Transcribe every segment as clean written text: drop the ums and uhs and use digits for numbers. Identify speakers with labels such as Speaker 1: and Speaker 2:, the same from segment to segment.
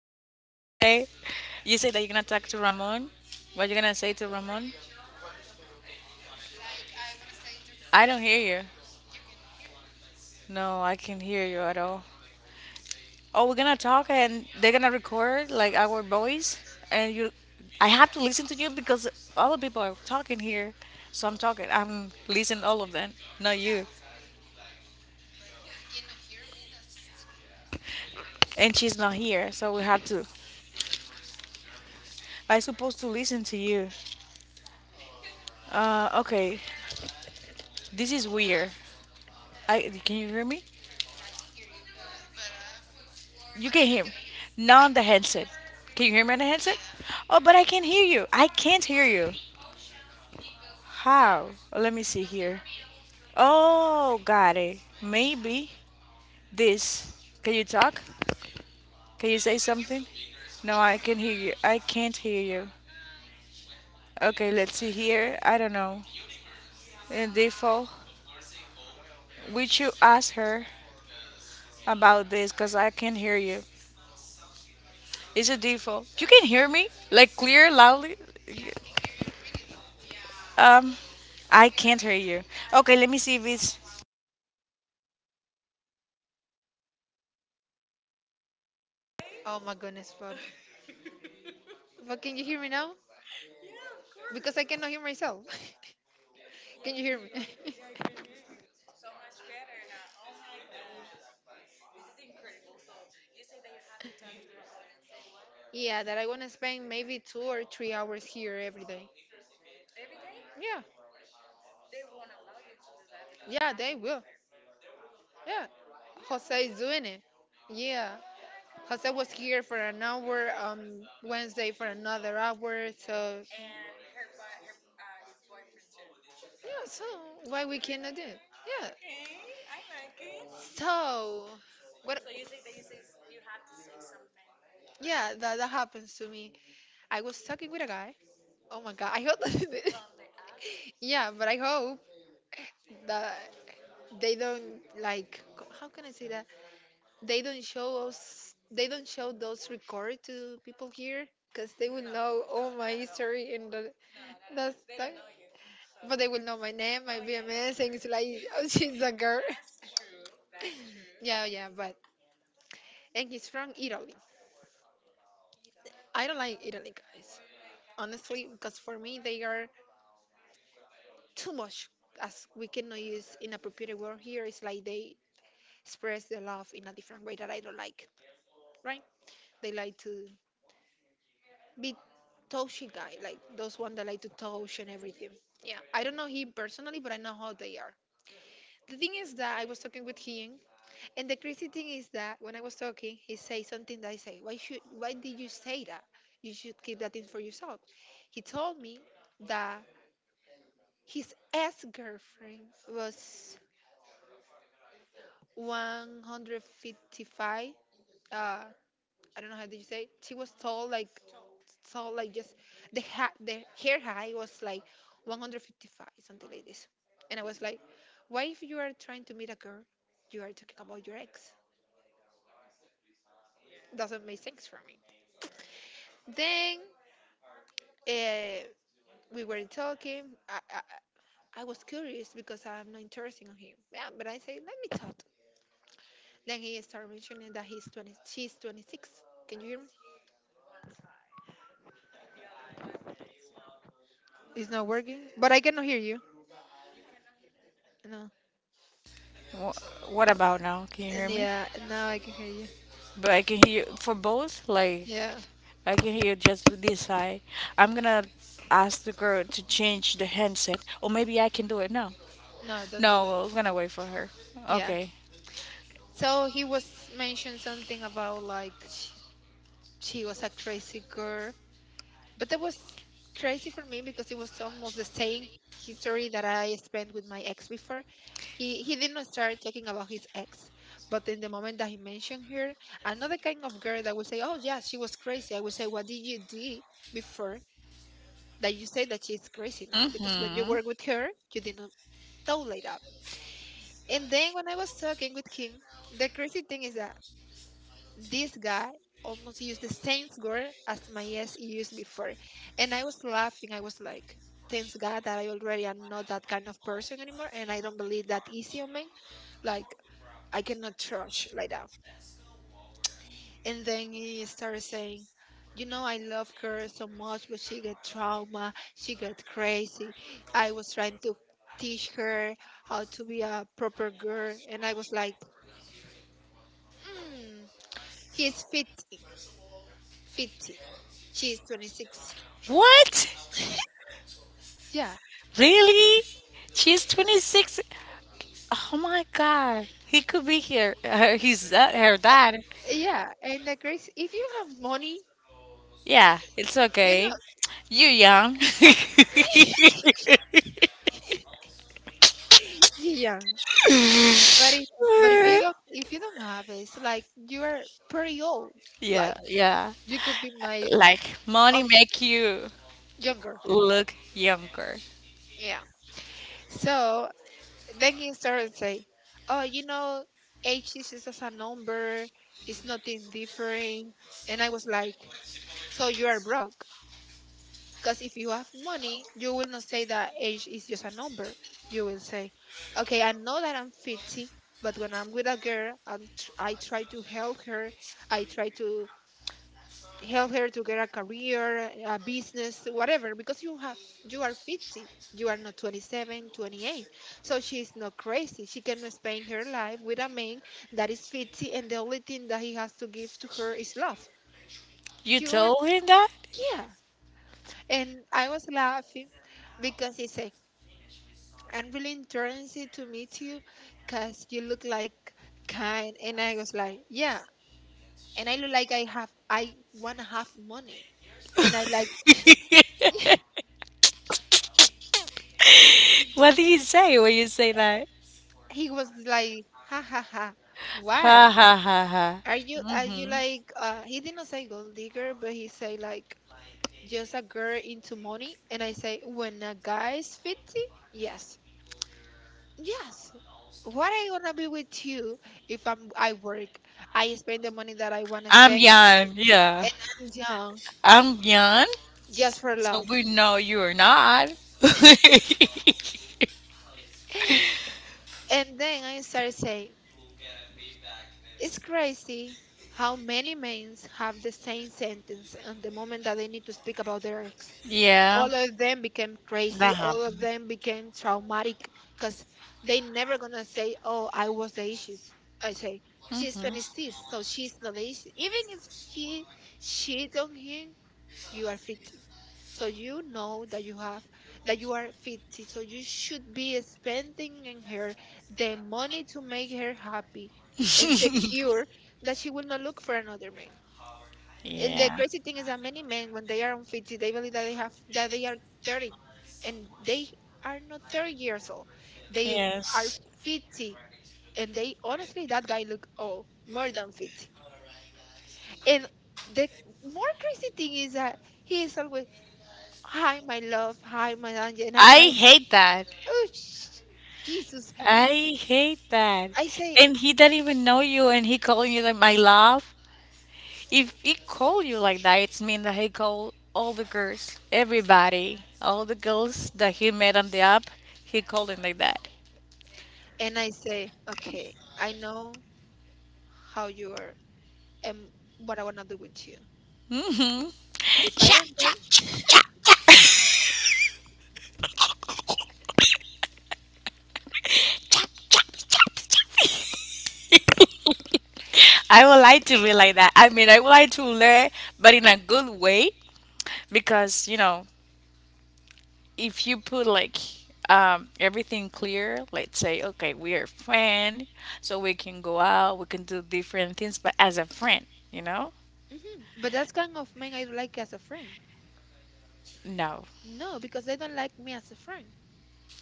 Speaker 1: Yeah, so what do you say? You say that you're gonna talk to Ramon? What you gonna say to Ramon? I don't hear you. No, I can't hear you at all. Oh, we're gonna talk and they're gonna record like our voice and you I have to listen to you because all the people are talking here. So I'm talking I'm listening all of them, not you. And she's not here, so we have to I supposed to listen to you. Okay. This is weird. I can you hear me? You can hear me. Not on the headset. Can you hear me on the headset? Oh, but I can not hear you. I can't hear you. How? Well, let me see here. Oh, got it. Maybe this. Can you talk? Can you say something? No, I can hear you. I can't hear you. Okay, let's see here. I don't know. In default, would you ask her about this? Cause I can hear you. It's a default. You can hear me? Like clear, loudly? Um, I can't hear you. Okay, let me see if it's
Speaker 2: Oh my goodness, but can you hear me now? Because I cannot hear myself. Can you hear me? Yeah, that I want to spend maybe 2 or 3 hours here every day. Yeah, yeah, they will. Yeah, Jose is doing it. Yeah, because I was here for an hour, Wednesday for another hour. So, yeah, so why we cannot do it? Yeah. So, what? Yeah, that happens to me. I was talking with a guy. Oh my god, I hope. Yeah, but I hope that they don't like. How can I say that? They don't show us, they don't show those record to people here, because they will know all my history and the, that's that, but they will know my name, my bms, and it's like oh, she's a girl. Yeah, but and he's from italy. I don't like italy guys, honestly, because for me they are too much. As we cannot use inappropriate word here, it's like they express their love in a different way that I don't like, right. They like to be Toshi guy, like those one that like to touch and everything. Yeah, I don't know him personally, but I know how they are. The thing is that I was talking with him, and the crazy thing is that when I was talking, he say something that I say, why should, why did you say that? You should keep that thing for yourself. He told me that his ex girlfriend was 155. Uh, I don't know how did you say. She was tall, like. So like just the hair high was like 155, something like this, and I was like, why if you are trying to meet a girl, you are talking about your ex? Doesn't make sense for me. Then uh, we were talking. I was curious because I'm not interested in him. Yeah, but I said let me talk. Then he started mentioning that he's 20. She's 26. Can you hear me? It's not working, but I cannot hear you. No.
Speaker 1: Wha what about now? Can you hear
Speaker 2: And
Speaker 1: me?
Speaker 2: yeah, now I can hear you.
Speaker 1: But I can hear you for both. Like
Speaker 2: Yeah.
Speaker 1: I can hear you just with this side. I'm gonna ask the girl to change the handset, or maybe I can do it now.
Speaker 2: No, don't do
Speaker 1: No,
Speaker 2: that.
Speaker 1: we're gonna wait for her. Okay.
Speaker 2: So he was mentioned something about like she was a crazy girl, but that was crazy for me because it was almost the same history that I spent with my ex before. He did not start talking about his ex, but in the moment that he mentioned her, another kind of girl that would say, "Oh yeah, she was crazy." I would say, "What did you do before that you say that she's crazy now?" Because when you
Speaker 1: Hmm.
Speaker 2: work with her, you did not tolerate up. And then when I was talking with him, the crazy thing is that this guy almost used the same word as my ex used before. And I was laughing. I was like, thanks God that I already am not that kind of person anymore. And I don't believe that easy on me. Like, I cannot trust like that. And then he started saying, you know, I love her so much, but she got trauma. She got crazy. I was trying to teach her how to be a proper girl. And I was like, mm, he's 50, 50. She's 26.
Speaker 1: What?
Speaker 2: Yeah,
Speaker 1: Really? She's 26. Oh my god. He could be here. Her, he's her dad.
Speaker 2: yeah, and the grace if you have money,
Speaker 1: Yeah, it's
Speaker 2: you know,
Speaker 1: okay. You young.
Speaker 2: yeah. Yeah, but if but if you don't have it, it's like you are pretty old.
Speaker 1: Yeah,
Speaker 2: Like
Speaker 1: yeah.
Speaker 2: you could be my
Speaker 1: Like money
Speaker 2: almost
Speaker 1: make you
Speaker 2: younger.
Speaker 1: look younger.
Speaker 2: Yeah. So then he started say, oh, you know, age is just a number, it's nothing different. And I was like, so you are broke. Because if you have money, you will not say that age is just a number. You will say, okay, I know that I'm 50, but when I'm with a girl, I try to help her. I try to help her to get a career, a business, whatever. Because you have, you are 50. You are not 27, 28. 28. So she's not crazy. She can spend her life with a man that is 50, and the only thing that he has to give to her is love.
Speaker 1: You
Speaker 2: You're,
Speaker 1: told him that?
Speaker 2: yeah. And I was laughing because he said, I'm really interested to meet you because you look like kind. And I was like, yeah. And I look like I have, I want to have money. And I like,
Speaker 1: What do you say when you say that?
Speaker 2: he was like, ha ha ha.
Speaker 1: Ha
Speaker 2: Why?
Speaker 1: ha ha ha.
Speaker 2: Are you
Speaker 1: Mhm.
Speaker 2: like, he didn't say gold digger, but he say like, just a girl into money. And I say, when a guy is 50, yes. Yes. What I wanna be with you if I work, I spend the money that I wanna
Speaker 1: I'm
Speaker 2: spend.
Speaker 1: young.
Speaker 2: And
Speaker 1: Yeah.
Speaker 2: I'm young.
Speaker 1: I'm young.
Speaker 2: Just for
Speaker 1: So
Speaker 2: love.
Speaker 1: we know you're not.
Speaker 2: And then I started saying, it's crazy how many men have the same sentence and the moment that they need to speak about their ex.
Speaker 1: Yeah,
Speaker 2: All of them became crazy.
Speaker 1: that
Speaker 2: All of
Speaker 1: happened.
Speaker 2: them became traumatic because they never gonna say, "Oh, I was the issues." I say, "She's 26, so she's not the issue." Even if she cheat on him, you are 50, so you know that you have, that you are 50, so you should be spending in her the money to make her happy and
Speaker 1: Mhm.
Speaker 2: secure, that she will not look for another man. And the
Speaker 1: Yeah.
Speaker 2: crazy thing is that many men when they are on 50 they believe that they have, that they are 30, and they are not 30 years old, they are
Speaker 1: Yes.
Speaker 2: 50. And they, honestly, that guy look old more than 50. And the more crazy thing is that he is always, hi my love, hi my angel. And I'm
Speaker 1: I
Speaker 2: like,
Speaker 1: hate that.
Speaker 2: oh sh- jesus.
Speaker 1: I hate that.
Speaker 2: I say,
Speaker 1: And he doesn't even know you, and he calling you like my love. If he call you like that, it's mean that he call all the girls, everybody, all the girls that he met on the app. He calling like that.
Speaker 2: and I say, okay, I know how you are, and what I want to do with you
Speaker 1: Mm-hmm.
Speaker 2: if I
Speaker 1: Chap
Speaker 2: don't get.
Speaker 1: chap chap chap chap chap. I would like to be like that. I mean, I would like to learn, but in a good way, because you know, if you put like everything clear, let's say, okay, we are friend, so we can go out, we can do different things, but as a friend, you know,
Speaker 2: Mhm. But that's kind of men I don't like as a friend.
Speaker 1: no.
Speaker 2: No, because they don't like me as a friend.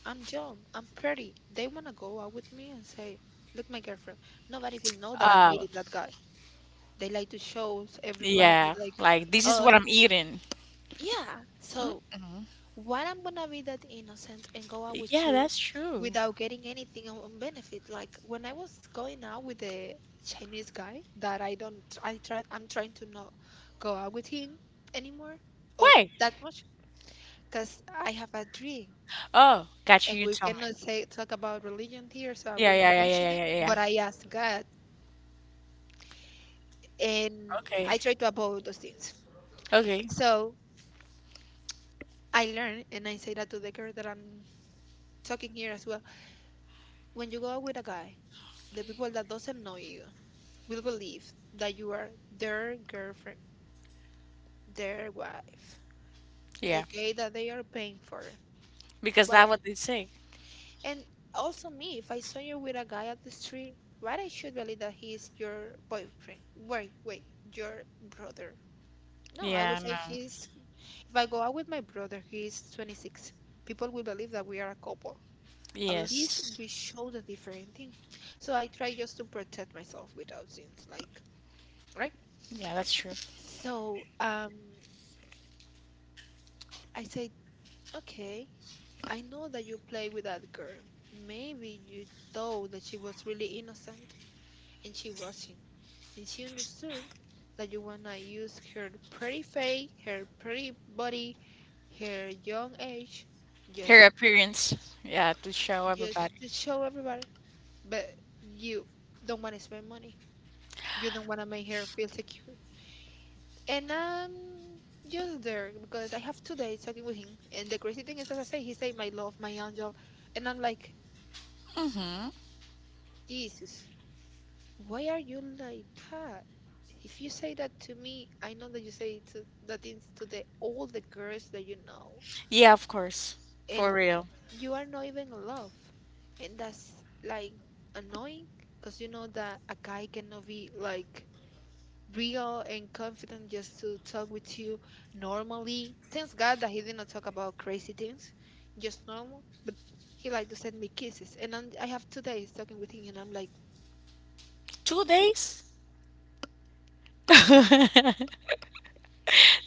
Speaker 2: I'm young, I'm pretty, they want to go out with me and say, look, my girlfriend. Nobody will know that I'm
Speaker 1: Uh,
Speaker 2: meeting that guy. They like to show everybody
Speaker 1: yeah,
Speaker 2: like,
Speaker 1: like this is
Speaker 2: oh
Speaker 1: what I'm eating.
Speaker 2: yeah. So what I'm gonna be that innocent and go out with
Speaker 1: Yeah,
Speaker 2: you
Speaker 1: that's true.
Speaker 2: without getting anything on benefit. Like when I was going out with the Chinese guy that I don't, I try, I'm trying to not go out with him anymore or
Speaker 1: Wait.
Speaker 2: that much, because I have a dream,
Speaker 1: Oh, gotcha.
Speaker 2: and
Speaker 1: You
Speaker 2: we
Speaker 1: tell
Speaker 2: cannot say
Speaker 1: me.
Speaker 2: talk about religion here, so I
Speaker 1: Yeah,
Speaker 2: will
Speaker 1: yeah,
Speaker 2: not
Speaker 1: yeah,
Speaker 2: mention
Speaker 1: yeah,
Speaker 2: it.
Speaker 1: yeah, yeah, yeah.
Speaker 2: But I ask God, and
Speaker 1: Okay.
Speaker 2: I try to avoid those things.
Speaker 1: Okay.
Speaker 2: So I learn and I say that to the girl that I'm talking here as well. When you go out with a guy, the people that doesn't know you will believe that you are their girlfriend, their wife,
Speaker 1: Yeah.
Speaker 2: the guy that they are paying for.
Speaker 1: Because
Speaker 2: But
Speaker 1: that's what they say.
Speaker 2: and also me, if I saw you with a guy at the street, why I should believe that he is your boyfriend? Wait, wait, your brother. No, I
Speaker 1: Yeah,
Speaker 2: would say
Speaker 1: no.
Speaker 2: he's. If I go out with my brother, he is 26. People will believe that we are a couple. At least
Speaker 1: Yes.
Speaker 2: we show the different thing. So I try just to protect myself without things like.
Speaker 1: Yeah, that's true.
Speaker 2: So I said, okay, I know that you play with that girl. Maybe you thought that she was really innocent, and she wasn't. And she understood that you wanna use her pretty face, her pretty body, her young age, just
Speaker 1: Her appearance. Yeah, to show
Speaker 2: just
Speaker 1: everybody.
Speaker 2: to show everybody. But you don't wanna spend money. You don't wanna make her feel secure. And I'm just there because I have 2 days talking with him. And the crazy thing is, as I say, he say, "My love, my angel," and I'm like,
Speaker 1: Mm-hmm.
Speaker 2: "Jesus, why are you like that? If you say that to me, I know that you say it to, that things to the all the girls that you know,
Speaker 1: Yeah, of course.
Speaker 2: and
Speaker 1: For real.
Speaker 2: you are not even in love, and that's like annoying because you know that a guy cannot be like." Real and confident just to talk with you normally. Thanks God that he didn't talk about crazy things, just normal. But he like to send me kisses, and I'm, I have 2 days talking with him, and I'm like,
Speaker 1: 2 days?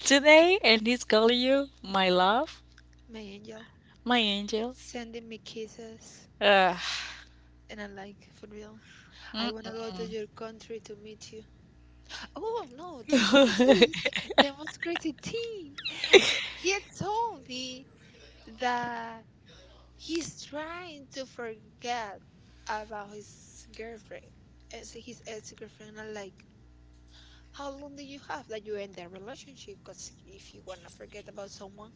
Speaker 1: Today, and he's calling you my love,
Speaker 2: my angel,
Speaker 1: my angel.
Speaker 2: sending me kisses.
Speaker 1: Uh,
Speaker 2: And I'm like, for real, I wanna go to
Speaker 1: mm-mm.
Speaker 2: your country to meet you. Oh no, the, let me tell you the most crazy thing. He told me that he's trying to forget about his girlfriend, and so his ex-girlfriend. Are like, how long do you have that you end that relationship? Because if you wanna forget about someone,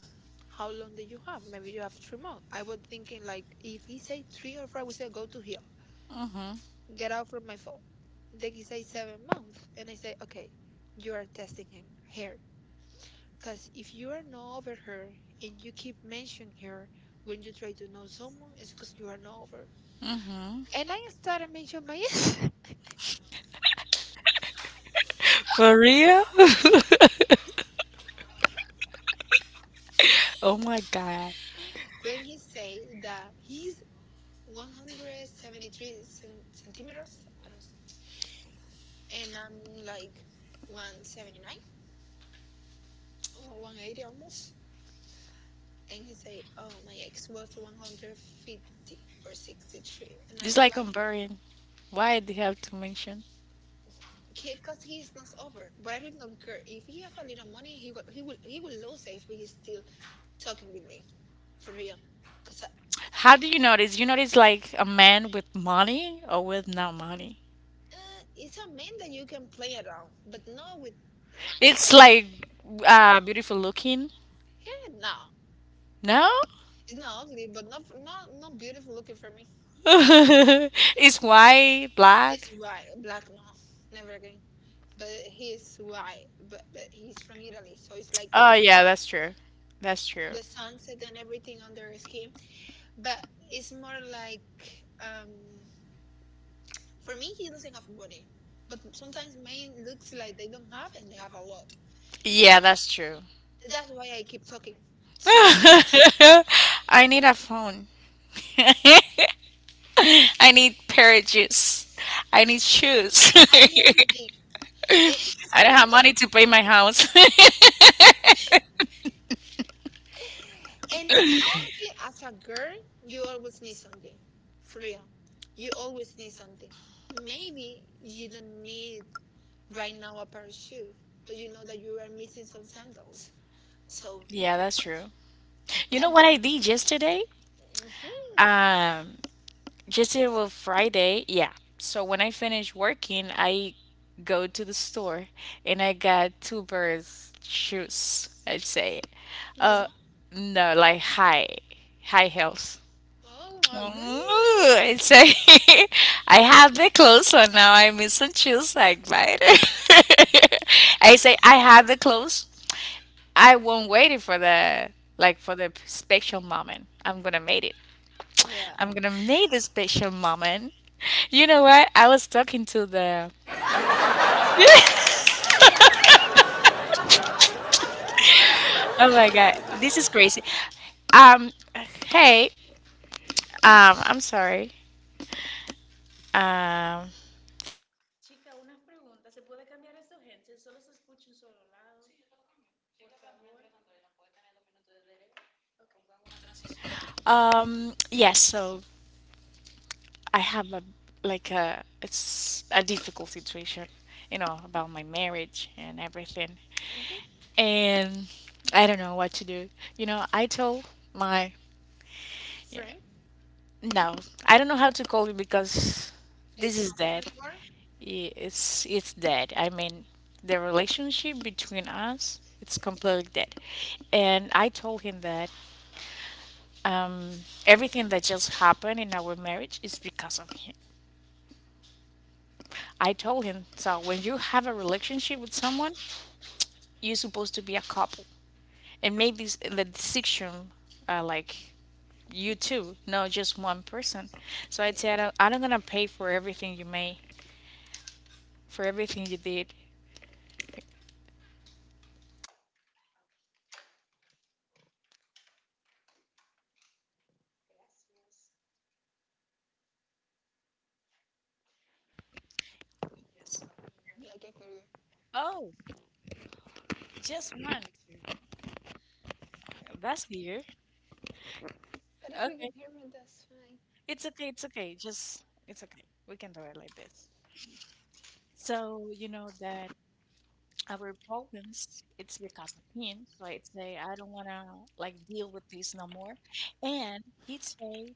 Speaker 2: how long do you have? Maybe you have 3 months. I was thinking like, if he say three or four, we say go to hell, get out from my phone. Then he say 7 months, and I say, okay, you are testing him here. Because if you are not over her and you keep mentioning her when you try to know someone, it's because you are not over. And I started mentioning my ex.
Speaker 1: For real? Oh my god.
Speaker 2: When he say that he's 173 cen- centimeters, I don't s- and I'm like 179 or 180 almost. And he say, "Oh, my ex was 150 or 63." And I
Speaker 1: It's
Speaker 2: was like,
Speaker 1: like comparing. Why do you have to mention?
Speaker 2: "Because he is not over." But I really don't care if he have a little money. He will lose it if he is still talking with me for real. Because I,
Speaker 1: How
Speaker 2: I,
Speaker 1: do you notice? You notice like a man with money or with no money?
Speaker 2: it's a man that you can play around, but not with money.
Speaker 1: It's like beautiful looking.
Speaker 2: Yeah, no,
Speaker 1: No?
Speaker 2: it's not ugly, but not beautiful looking for me. Uh,
Speaker 1: It's white, black.
Speaker 2: It's white, black. No, never again. But he's white, but he's from Italy, so it's like
Speaker 1: Oh yeah, that's true. That's true.
Speaker 2: the sunset and everything on their skin. But it's more like um, for me, he doesn't have body. But sometimes men looks like they don't have, and they have a lot.
Speaker 1: Yeah, that's true.
Speaker 2: That's why I keep talking. So no,
Speaker 1: I need a phone. I need pair of shoes. I need shoes.
Speaker 2: I knew everything. It's
Speaker 1: I don't
Speaker 2: crazy.
Speaker 1: have money to pay my house.
Speaker 2: And honestly, as a girl, you always need something. For real. You always need something. Maybe you don't need right now a pair of shoes, but you know that you are missing some sandals. So
Speaker 1: Yeah, that's true. You
Speaker 2: at,
Speaker 1: know what I did yesterday?
Speaker 2: mhm.
Speaker 1: Um, yesterday was Friday. Yeah. So when I finished working, I go to the store and I got two pairs shoes. I'd say,
Speaker 2: This
Speaker 1: uh,
Speaker 2: one.
Speaker 1: no, like high heels.
Speaker 2: Oh my goodness.
Speaker 1: Ooh, I'd say I have the clothes on now. I miss some shoes. Like buy it. I say I have the clothes. I won't wait for the like for the special moment. I'm gonna make it.
Speaker 2: Yeah.
Speaker 1: I'm gonna make this special moment. You know what? I was talking to the. Oh my god, this is crazy. Um, hey, I'm sorry. Um, yes, so I have a like a it's a difficult situation, you know, about my marriage and everything,
Speaker 2: Hmm.
Speaker 1: and I don't know what to do. You know, I told my yeah,
Speaker 2: Frank.
Speaker 1: no, I don't know how to call it because
Speaker 2: It's
Speaker 1: this
Speaker 2: not
Speaker 1: is dead.
Speaker 2: Frank anymore.
Speaker 1: It's dead. I mean, the relationship between us it's completely dead. And I told him that um, everything that just happened in our marriage is because of him. I told him so when you have a relationship with someone, you're supposed to be a couple and make this the decision like you two, no, just one person. So I
Speaker 2: Yeah.
Speaker 1: said, I'm not gonna pay for everything you made, for everything you did.
Speaker 2: Yes.
Speaker 1: Yes.
Speaker 2: I can hear you.
Speaker 1: Oh, just one. That's weird.
Speaker 2: But if you can
Speaker 1: Okay.
Speaker 2: hear me, that's fine.
Speaker 1: It's okay. It's okay. Just, it's okay. We can do it like this. So, you know that our problems, it's because of him. So I'd say, I don't want to like deal with this no more. And he'd say,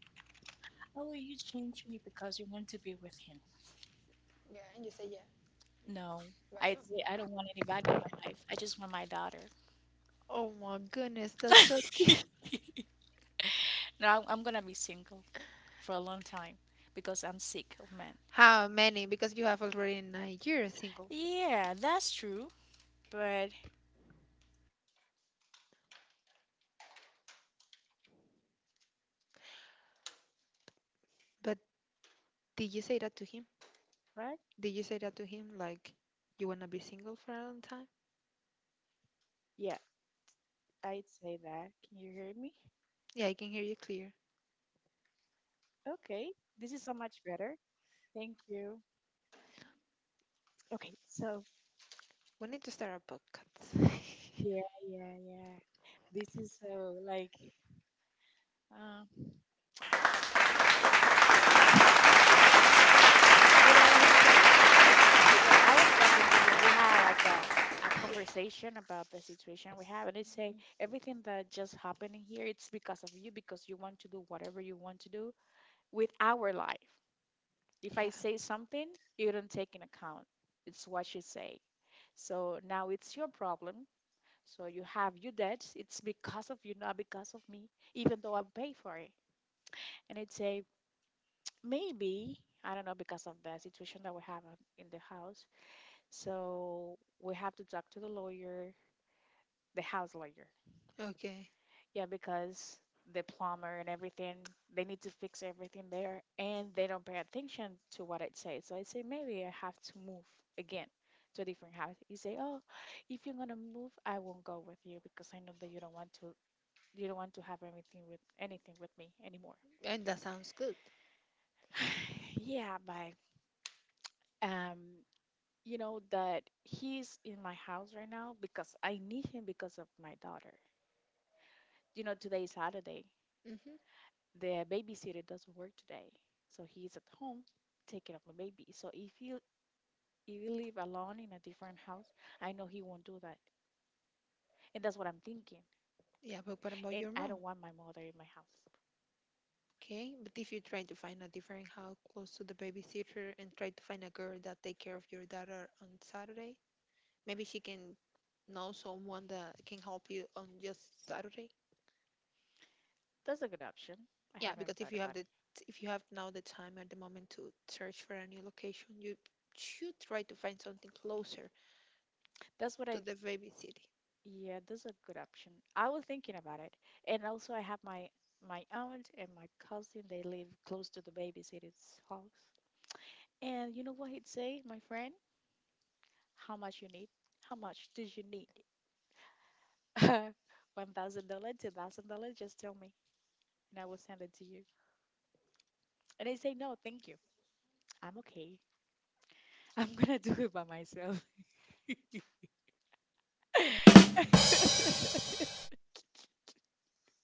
Speaker 1: oh, you changed me because you want to be with him.
Speaker 2: Yeah, and you say yeah.
Speaker 1: No,
Speaker 2: Why
Speaker 1: I'd say, I don't want anybody in
Speaker 2: not?
Speaker 1: my life. I just want my daughter.
Speaker 2: Oh my goodness, that's so cute.
Speaker 1: No, I'm going to be single for a long time because I'm sick of men.
Speaker 2: How many? Because you have already 9 years single.
Speaker 1: Yeah, that's true. But
Speaker 2: But did you say that to him?
Speaker 1: right?
Speaker 2: Did you say that to him? Like, you wanna be single for a long time?
Speaker 1: Yeah, I'd say that. Can you hear me?
Speaker 2: Yeah, I can hear you clear.
Speaker 1: Okay, this is so much better. Thank you. Okay, so
Speaker 2: We need to start a podcast.
Speaker 1: yeah, yeah, yeah. This is so like, um, you know what he'd say? So I was talking to him. We had like a conversation about the situation we have, and he'd say everything that just happened in here, it's because of you, because you want to do whatever you want to do with our life. If I
Speaker 2: Yeah.
Speaker 1: say something, you don't take in account. It's what you say. So now it's your problem. So you have your debts. It's because of you, not because of me, even though I'm paid for it. And it's a maybe, I don't know, because of the situation that we have in the house. So we have to talk to the lawyer, the house lawyer.
Speaker 2: Okay.
Speaker 1: Yeah, because the plumber and everything, they need to fix everything there and they don't pay attention to what I say. So I say, maybe I have to move again to a different house. You say, oh, if you're going to move, I won't go with you because I know that you don't want to have anything with me anymore.
Speaker 2: And that sounds good.
Speaker 1: Yeah, bye. Um, you know that he's in my house right now because I need him because of my daughter. You know, today is Saturday.
Speaker 2: Hmm.
Speaker 1: The babysitter doesn't work today, so he's at home taking care of my baby. So if you live alone in a different house, I know he won't do that, and that's what I'm thinking.
Speaker 2: Yeah, but what about
Speaker 1: And
Speaker 2: your
Speaker 1: I
Speaker 2: mom?
Speaker 1: don't want my mother in my house.
Speaker 2: Okay. But if you try to find a different house close to the babysitter and try to find a girl that take care of your daughter on Saturday, maybe she can know someone that can help you on just Saturday.
Speaker 1: That's a good option. I
Speaker 2: Yeah,
Speaker 1: haven't
Speaker 2: because if
Speaker 1: thought
Speaker 2: you have
Speaker 1: about it.
Speaker 2: the if you have now the time and the moment to search for a new location, you should try to find something closer
Speaker 1: That's what
Speaker 2: to
Speaker 1: I
Speaker 2: the baby city.
Speaker 1: Yeah, that's a good option. I was thinking about it. And also I have my aunt and my cousin, they live close to the babysitter's house. And you know what he'd say, my friend? How much you need? How much do you need? $1,000, $2,000, just tell me and I will send it to you. And I say, no, thank you. I'm okay. I'm gonna do it by myself.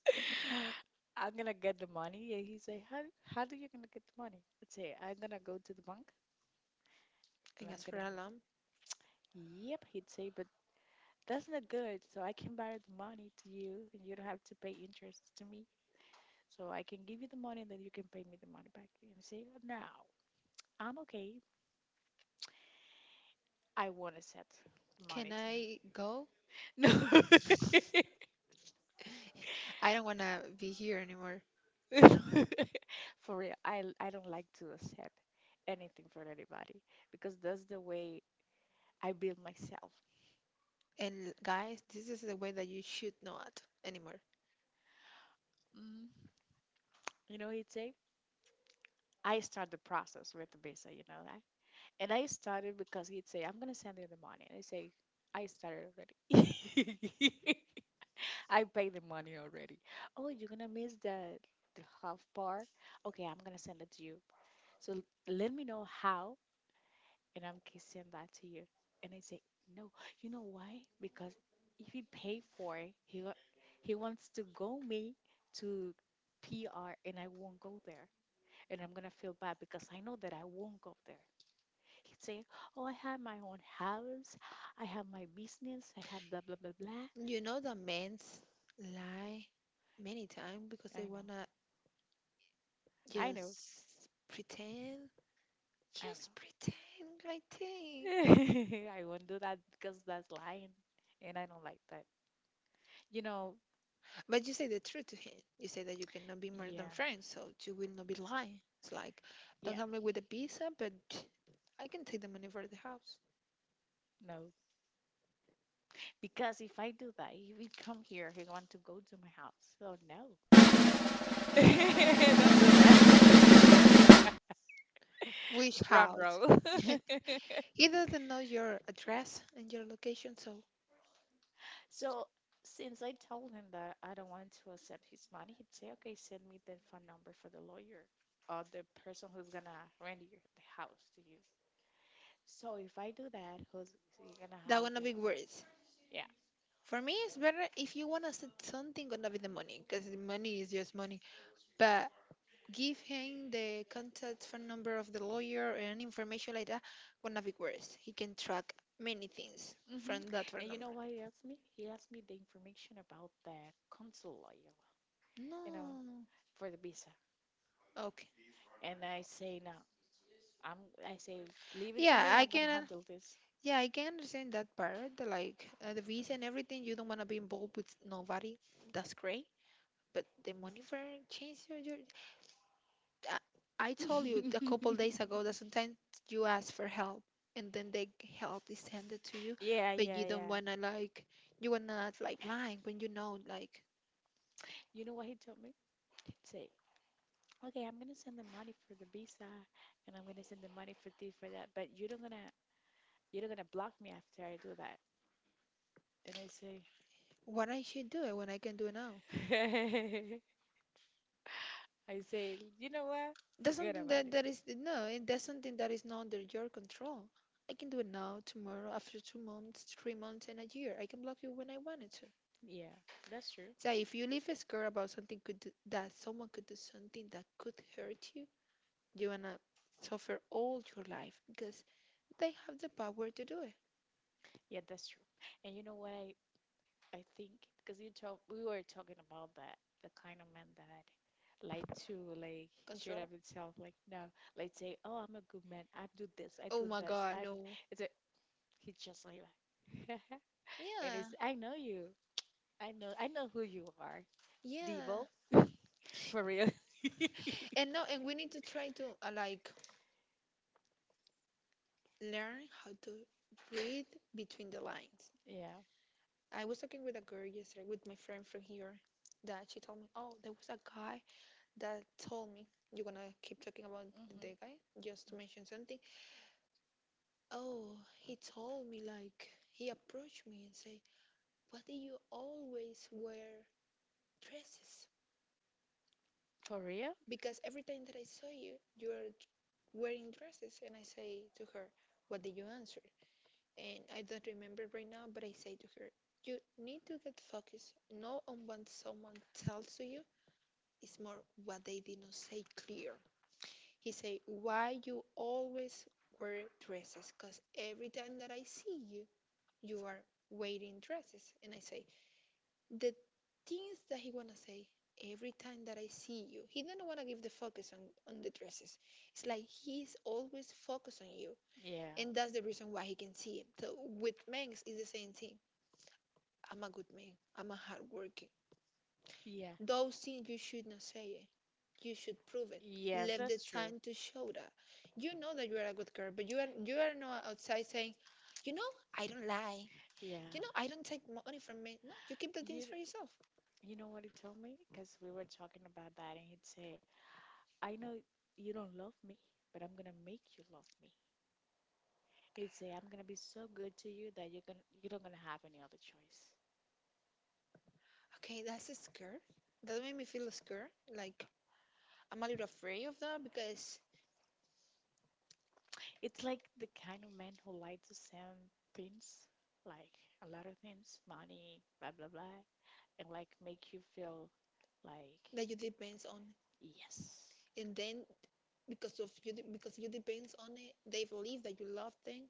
Speaker 1: I'm gonna get the money. And he say, how do you gonna get the money? I'd say, I'm gonna go to the bank and
Speaker 2: And
Speaker 1: I'm
Speaker 2: as for
Speaker 1: gonna
Speaker 2: Alam,
Speaker 1: Yep, he'd say, but that's not good. So I can borrow the money to you and you don't have to pay interest to me. So I can give you the money and then you can pay me the money back. And I say, no, I'm okay. I wanna set the money
Speaker 2: can
Speaker 1: to
Speaker 2: I go?
Speaker 1: him. No
Speaker 2: I don't wanna be here anymore.
Speaker 1: For real. I don't like to accept anything for anybody because that's the way I build myself.
Speaker 2: And guys, this is the way that you should not anymore.
Speaker 1: You know, he'd say, I start the process with the visa, you know that? And I started because he'd say, I'm going to send you the money. And I say, I started already. I paid the money already. Oh, you're going to miss the half part? Okay, I'm going to send it to you. So let me know how, and I'm going to send that to you. And I say, no, you know why? Because if he pay for it, he wants to go me to PR, and I won't go there. And I'm gonna feel bad because I know that I won't go there. He'd say, oh, I have my own house, I have my business, I have blah blah blah blah.
Speaker 2: You know that men's lie many times because
Speaker 1: I
Speaker 2: they
Speaker 1: know,
Speaker 2: wanna
Speaker 1: I know,
Speaker 2: just pretend.
Speaker 1: I
Speaker 2: Just pretend, I think.
Speaker 1: know. I won't do that because that's lying, and I don't like that. You know,
Speaker 2: But you say the truth to him. You say that you cannot be more than
Speaker 1: yeah,
Speaker 2: friends, so you will not be lying. It's like, don't
Speaker 1: yeah,
Speaker 2: help me with the pizza, but I can take the money for the house.
Speaker 1: no. Because if I do that, he would come here, he want to go to my house. So no. Don't do that.
Speaker 2: Which
Speaker 1: Drum
Speaker 2: house?
Speaker 1: roll.
Speaker 2: He doesn't know your address and your location, so
Speaker 1: So since I told him that I don't want to accept his money, he'd say, "Okay, send me the phone number for the lawyer or the person who's gonna rent your the house to you." So if I do that, who's you're gonna
Speaker 2: that
Speaker 1: have
Speaker 2: gonna
Speaker 1: the
Speaker 2: be worse.
Speaker 1: yeah.
Speaker 2: For me, it's better if you wanna set something gonna be the money, because the money is just money. But give him the contact phone number of the lawyer and information like that gonna be worse. He can track many things
Speaker 1: Hmm.
Speaker 2: from that
Speaker 1: And
Speaker 2: phone
Speaker 1: you know
Speaker 2: number.
Speaker 1: what he asked me? He asked me the information about the consul lawyer, you know,
Speaker 2: No.
Speaker 1: for the visa.
Speaker 2: Okay.
Speaker 1: And I say, "No, I'm." I say, "Leave it to
Speaker 2: Yeah,
Speaker 1: me.
Speaker 2: I
Speaker 1: I'm gonna
Speaker 2: can.
Speaker 1: handle this."
Speaker 2: Yeah, I can understand that part. Like the visa and everything, you don't wanna be involved with nobody. That's great. But the money for change your. Your I, I told you a couple days ago that sometimes you ask for help and then the help is handed to you.
Speaker 1: Yeah,
Speaker 2: But
Speaker 1: yeah,
Speaker 2: you don't
Speaker 1: yeah.
Speaker 2: wanna like you wanna act like lying when you know like
Speaker 1: You know what he told me? He'd say, okay, I'm gonna send the money for the visa, and I'm gonna send the money for this for that. But you're not gonna block me after I do that. And I say,
Speaker 2: what I should do it when I can do it now.
Speaker 1: I say, you know what?
Speaker 2: That's
Speaker 1: Forget
Speaker 2: something
Speaker 1: about
Speaker 2: that
Speaker 1: it.
Speaker 2: that is no, and that's something that is not under your control. I can do it now, tomorrow, after 2 months, 3 months, and a year. I can block you when I wanted to.
Speaker 1: Yeah, that's true.
Speaker 2: So if you leave scared about something could do, that someone could do something that could hurt you, you wanna suffer all your life because they have the power to do
Speaker 1: Yeah, that's true. And you know what I think because you talk we were talking about that the kind of man that like to like cheer
Speaker 2: control.
Speaker 1: up himself like no like say, oh, I'm a good man, I do this I
Speaker 2: Oh
Speaker 1: do
Speaker 2: my
Speaker 1: this
Speaker 2: god,
Speaker 1: I do,
Speaker 2: no.
Speaker 1: it's a, he's just like that. And it's
Speaker 2: Yeah,
Speaker 1: I know, I know who you are. Debo.
Speaker 2: yeah.
Speaker 1: For real.
Speaker 2: And no, and we need to try to like learn how to read between the lines.
Speaker 1: Yeah.
Speaker 2: I was talking with a girl yesterday with my friend from here, that she told me, oh, there was a guy that told me you're gonna keep talking about the
Speaker 1: Hmm.
Speaker 2: guy just to mention something. Oh, he told me like he approached me and say, why do you always wear dresses?
Speaker 1: For real?
Speaker 2: Because every time that I saw you, wearing dresses. And I say to her, what did you answer? And I don't remember right now, but I say to her, you need to get focused not on what someone tells to you, it's more what they did not say clear. He say, why you always wear dresses? Because every time that I see you, you are wearing dresses. And I say, the things that he wanna say every time that I see you. He don't wanna give the focus on the dresses. It's like he's always focused on you,
Speaker 1: Yeah.
Speaker 2: and that's the reason why he can see it. So with men, it's the same thing. I'm a good man. I'm a hard working.
Speaker 1: Yeah.
Speaker 2: Those things you should not say it. You should prove it.
Speaker 1: Yes,
Speaker 2: Leave the
Speaker 1: that's true.
Speaker 2: time to show that. You know that you are a good girl, but you are not outside saying, you know, I don't lie.
Speaker 1: Yeah.
Speaker 2: You know, I don't take money from men. No, you keep the things
Speaker 1: You
Speaker 2: for yourself.
Speaker 1: you know what he told me? Because we were talking about that and he'd say, I know you don't love me, but I'm gonna make you love me. He'd say, I'm gonna be so good to you that you don't gonna have any other choice.
Speaker 2: Okay, that's scared. That made me feel scared. Like I'm a little afraid of that because
Speaker 1: It's like the kind of man who like to send things, like a lot of things, money, blah blah blah, and like make you feel like
Speaker 2: that you depends on,
Speaker 1: yes,
Speaker 2: and then because you depends on it, they believe that you love them,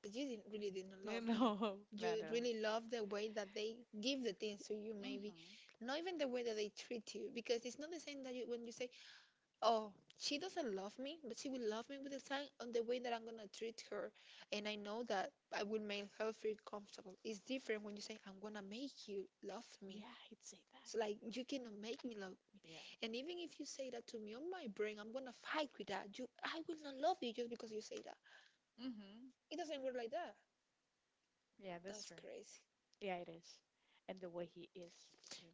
Speaker 2: but you didn't love them.
Speaker 1: no,
Speaker 2: You
Speaker 1: not at.
Speaker 2: really love the way that they give the things to you, maybe,
Speaker 1: Mm-hmm.
Speaker 2: not even the way that they treat you, because it's not the same that you when you say, oh, she doesn't love me, but she will love me with the time on the way that I'm gonna treat her. And I know that I will make her feel comfortable. It's different when you say, I'm gonna make you love me.
Speaker 1: Yeah, he'd say
Speaker 2: It's
Speaker 1: that.
Speaker 2: like you cannot make me love.
Speaker 1: Yeah.
Speaker 2: And even if you say that to me on my brain, I'm gonna fight with that. You I will not love you just because you say that.
Speaker 1: Mm-hmm.
Speaker 2: It doesn't work like that.
Speaker 1: Yeah, that's
Speaker 2: That's
Speaker 1: true.
Speaker 2: crazy.
Speaker 1: Yeah, it is, and the way he is too.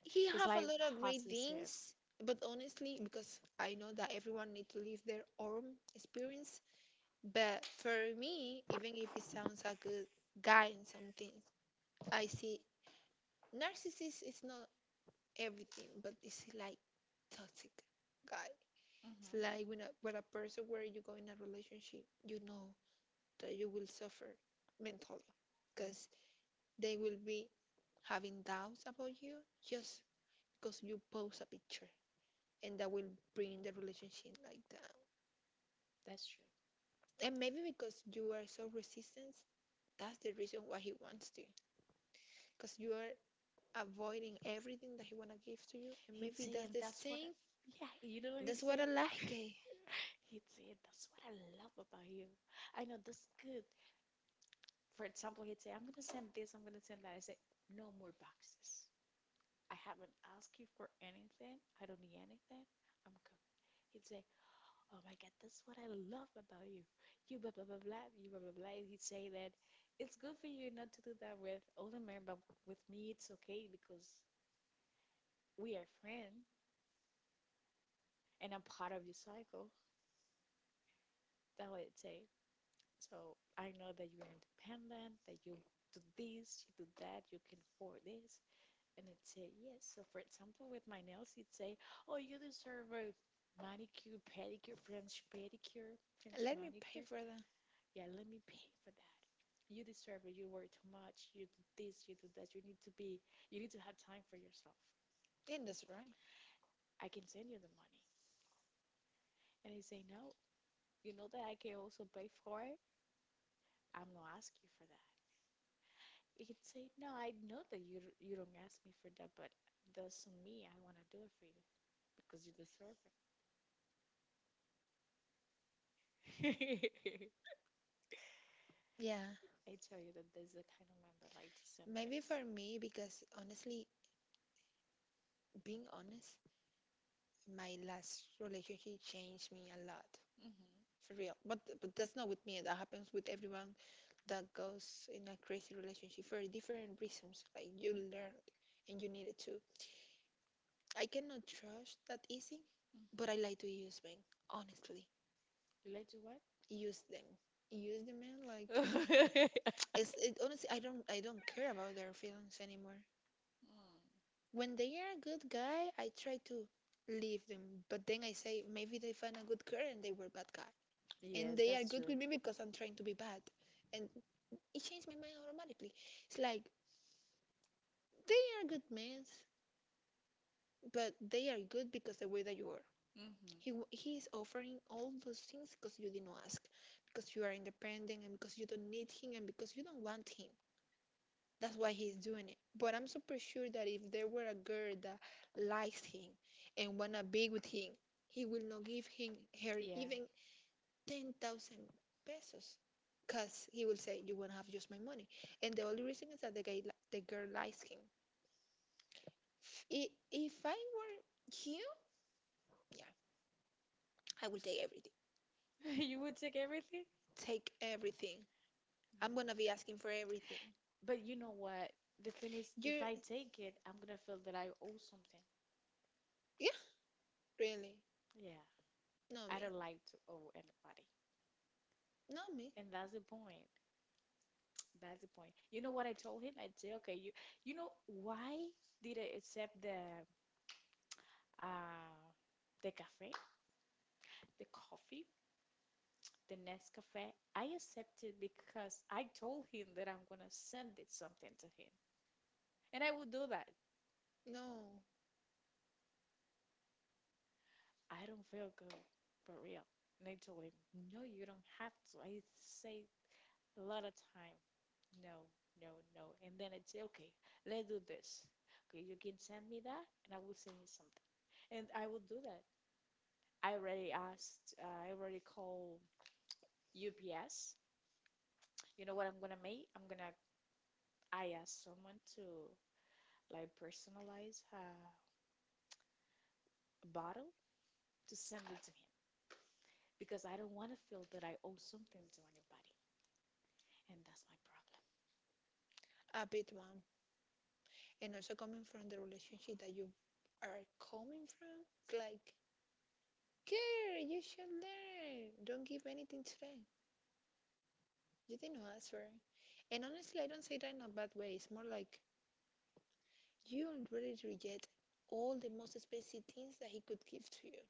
Speaker 2: He
Speaker 1: It's
Speaker 2: have a
Speaker 1: like
Speaker 2: lot of great
Speaker 1: possessive.
Speaker 2: things, but honestly, because I know that everyone need to live their own experience, but for me, even if it sounds like a guy in some things, I see narcissist is not everything, but it's like toxic guy. It's like when a person where you go in a relationship, you know that you will suffer mentally
Speaker 1: Mm,
Speaker 2: because they will be having doubts about you just because you post a picture and that will bring the relationship like down.
Speaker 1: that's true.
Speaker 2: And maybe because you are so resistant, that's the reason why he wants to because you are avoiding everything that he wanna give to you, and
Speaker 1: He'd
Speaker 2: maybe that's
Speaker 1: say,
Speaker 2: the
Speaker 1: and that's what,
Speaker 2: thing.
Speaker 1: I, yeah, you know what
Speaker 2: That's
Speaker 1: he'd
Speaker 2: what I
Speaker 1: say?
Speaker 2: like. Eh.
Speaker 1: He'd say, and that's what I love about you. I know that's good. For example, he'd say, I'm going to send this, I'm going to send that. I say, no more boxes. I haven't asked you for anything. I don't need anything. I'm good. He'd say, oh my God, that's what I love about you. You blah blah blah blah. You blah blah blah. And would say that it's good for you not to do that with older men, but with me it's okay because we are friends and I'm part of your cycle. That what it say. So I know that you're independent, that you do this, you do that, you can afford this, and it say yes. So for example, with my nails, it say, oh, you deserve a manicure, pedicure, French
Speaker 2: Let me pay
Speaker 1: manicure.
Speaker 2: for that.
Speaker 1: Yeah, let me pay for that. You deserve it. You work too much. You do this. You do that. You need to be. You need to have time for yourself.
Speaker 2: And that's right.
Speaker 1: I can send you the money." And he say, "No. You know that I can also pay for it. I'm not asking you for that." He could say, "No, I know that you don't ask me for that, but that's on me. I wanna do it for you because you deserve it."
Speaker 2: Yeah,
Speaker 1: I tell you that there's a kind of man that like to send
Speaker 2: maybe
Speaker 1: things.
Speaker 2: for me because honestly, being honest, my last relationship changed me a lot,
Speaker 1: Mm-hmm.
Speaker 2: for real. But that's not with me. That happens with everyone that goes in a crazy relationship for different reasons. Like you learned and you needed to. I cannot trust that easy,
Speaker 1: Mm-hmm.
Speaker 2: but I like to use mine honestly.
Speaker 1: You like to what?
Speaker 2: Use them, use them man, like it's it honestly I don't care about their feelings anymore.
Speaker 1: Mm.
Speaker 2: When they are a good guy I try to leave them, but then I say maybe they find a good girl and they were bad guy, and
Speaker 1: Yes,
Speaker 2: they are
Speaker 1: that's
Speaker 2: good
Speaker 1: true.
Speaker 2: with me because I'm trying to be bad, and it changed my mind automatically. It's like they are good men, but they are good because the way that you are. He is offering all those things because you didn't ask, because you are independent and because you don't need him and because you don't want him. That's why he's doing it. But I'm super sure that if there were a girl that likes him and wanna be with him, he will not give him her
Speaker 1: Yeah.
Speaker 2: even 10,000 pesos, cause he will say you wanna have just my money. And the only reason is that the girl likes him. If I were you, yeah, I will take everything.
Speaker 1: You would take everything?
Speaker 2: Take everything.
Speaker 1: Mm.
Speaker 2: I'm gonna be asking for everything.
Speaker 1: But you know what? The thing is, if
Speaker 2: You're,
Speaker 1: I take it, I'm gonna feel that I owe something.
Speaker 2: yeah, really.
Speaker 1: Yeah.
Speaker 2: No
Speaker 1: I
Speaker 2: me.
Speaker 1: don't like to owe anybody.
Speaker 2: Not me.
Speaker 1: And that's the point. That's the point. You know what I told him? I say, okay, you know why did I accept uh the cafe, the coffee, the Nescafe? I accepted because I told him that I'm gonna send it something to him. And I would do that.
Speaker 2: No,
Speaker 1: I don't feel good for real. And I told him, no, you don't have to. I say a lot of time, no, no, no. And then I'd say, okay, let's do this. Okay, you can send me that and I will send you something. And I will do that. I already called UPS. You know what I'm gonna make? I asked someone to like personalize a bottle to send it to him because I don't want to feel that I owe something to anybody. And that's my problem.
Speaker 2: a bit one. And also coming from the relationship that you are coming from, it's like, girl, you should learn. Don't give anything to them. You didn't ask for it. And honestly, I don't say that in a bad way. It's more like you already reject all the most expensive things that he could give to you.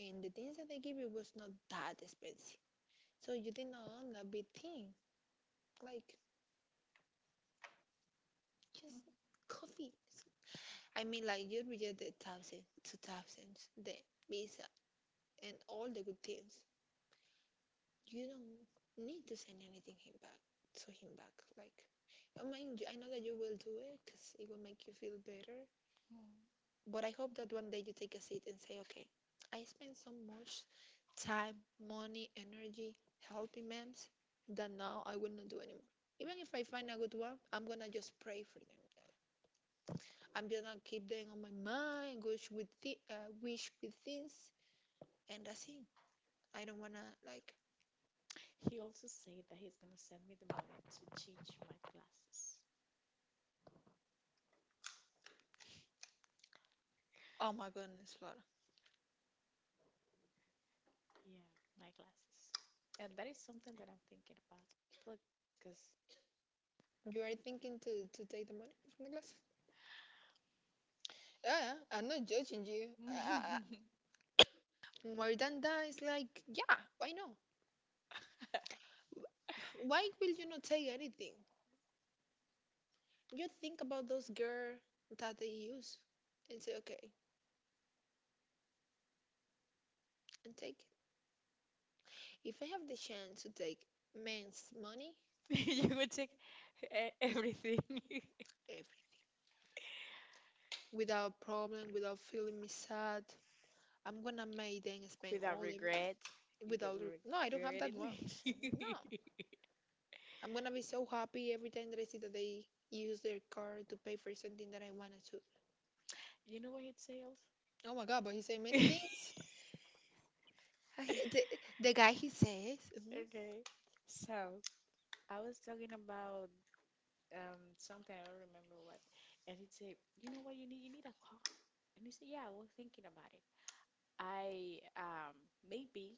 Speaker 2: And the things that they give you was not that expensive. So you did not own that big thing. Like, just coffee. I mean like you reject the thousands, two thousands, the visa and all the good things. You don't need to send anything him back to him back. Like I mean, I know that you will do it because it will make you feel better.
Speaker 1: Mhm.
Speaker 2: But I hope that one day you take a seat and say, okay, I spent so much time, money, energy helping mems that now I will not do anymore. Even if I find a good one, I'm gonna just pray for them. I'm just gonna keep them on my mind, wish with things and that's it. I don't wanna like.
Speaker 1: He also said that he's gonna send me the money to change my glasses,
Speaker 2: Oh my goodness, Flora.
Speaker 1: yeah. My glasses, and that is something that I'm thinking about. Look, because
Speaker 2: You are thinking to take the money from the class? Yeah, I'm not judging you. More than that, it's like, yeah, why not? Why will you not take anything? You think about those girls that they use and say, okay, and take it. If I have the chance to take men's money
Speaker 1: you would take everything
Speaker 2: every, without problem, without feeling me sad, I'm gonna make them spend
Speaker 1: without
Speaker 2: all everything
Speaker 1: regret. You
Speaker 2: without.
Speaker 1: will
Speaker 2: Re- No, I don't have
Speaker 1: regret
Speaker 2: that one. No,
Speaker 1: it.
Speaker 2: I'm gonna be so happy every time that I see that they use their card to pay for something that I wanted to.
Speaker 1: You know what he'd say else?
Speaker 2: Oh my god, but he said many things. I, the, the guy he says, mhm.
Speaker 1: Okay. So I was talking about something I don't remember what, and he'd say, "You know what? You need a car." And he said, "Yeah, I was thinking about it. I maybe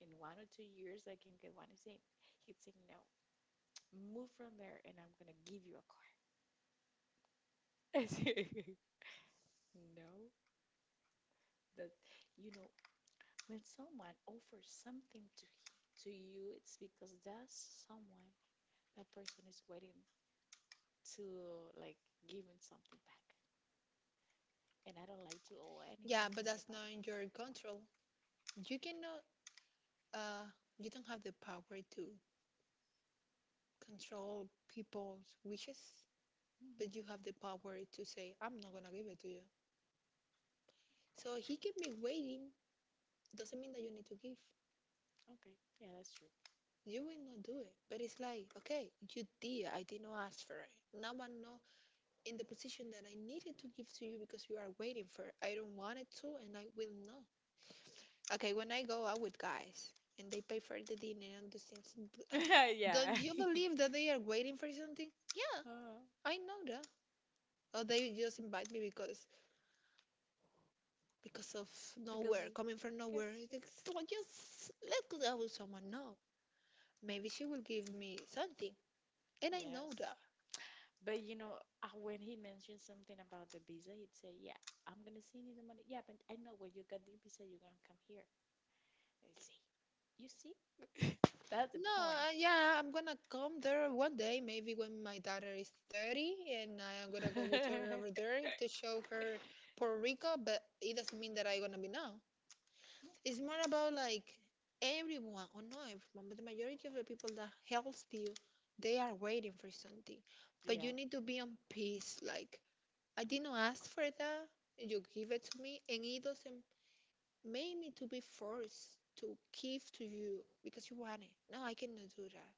Speaker 1: in 1 or 2 years I can get one." He said, "He'd say no, move from there, and I'm gonna give you a car." I said, "No, that you know when someone offers to you, it's because that person is waiting to like giving something back." And I don't like to owe
Speaker 2: Yeah,
Speaker 1: anything to
Speaker 2: but that's
Speaker 1: anybody.
Speaker 2: not in your control. You cannot, uh, you don't have the power to control people's wishes,
Speaker 1: Mhm.
Speaker 2: but you have the power to say, I'm not gonna give it to you. So he kept me waiting. Doesn't mean that you need to give.
Speaker 1: Okay. Yeah, that's true.
Speaker 2: You will not do it. But it's like, okay, you did. I did not ask for it. Now I know in the position that I needed to give to you because you are waiting for it. I don't want it to, and I will not. Okay, when I go out with guys and they pay for the dinner and those things, don't
Speaker 1: Yeah.
Speaker 2: you believe that they are waiting for something? Yeah,
Speaker 1: uh,
Speaker 2: I know that. Or they just invite me because of
Speaker 1: because
Speaker 2: nowhere, coming from nowhere.
Speaker 1: because
Speaker 2: It's like just let's go out with someone. No, maybe she will give me something, and I know
Speaker 1: yes.
Speaker 2: that.
Speaker 1: But you know, when he mentioned something about the visa, he'd say, "Yeah, I'm gonna send you the money. Yeah, but I know when you got the visa, you're gonna come here." And see, you see, that's the
Speaker 2: No,
Speaker 1: point.
Speaker 2: yeah, I'm gonna come there one day, maybe when my daughter is 30, and I'm gonna go with her
Speaker 1: Mhm.
Speaker 2: over there to show her Puerto Rico, but it doesn't mean that I'm gonna be now. It's more about like everyone, or not everyone, but the majority of the people that helps you, they are waiting for something. But
Speaker 1: Yeah,
Speaker 2: you need to be on peace. Like, I did not ask for that, you give it to me, and it doesn't make me to be forced to give to you because you want it. No, I cannot do that.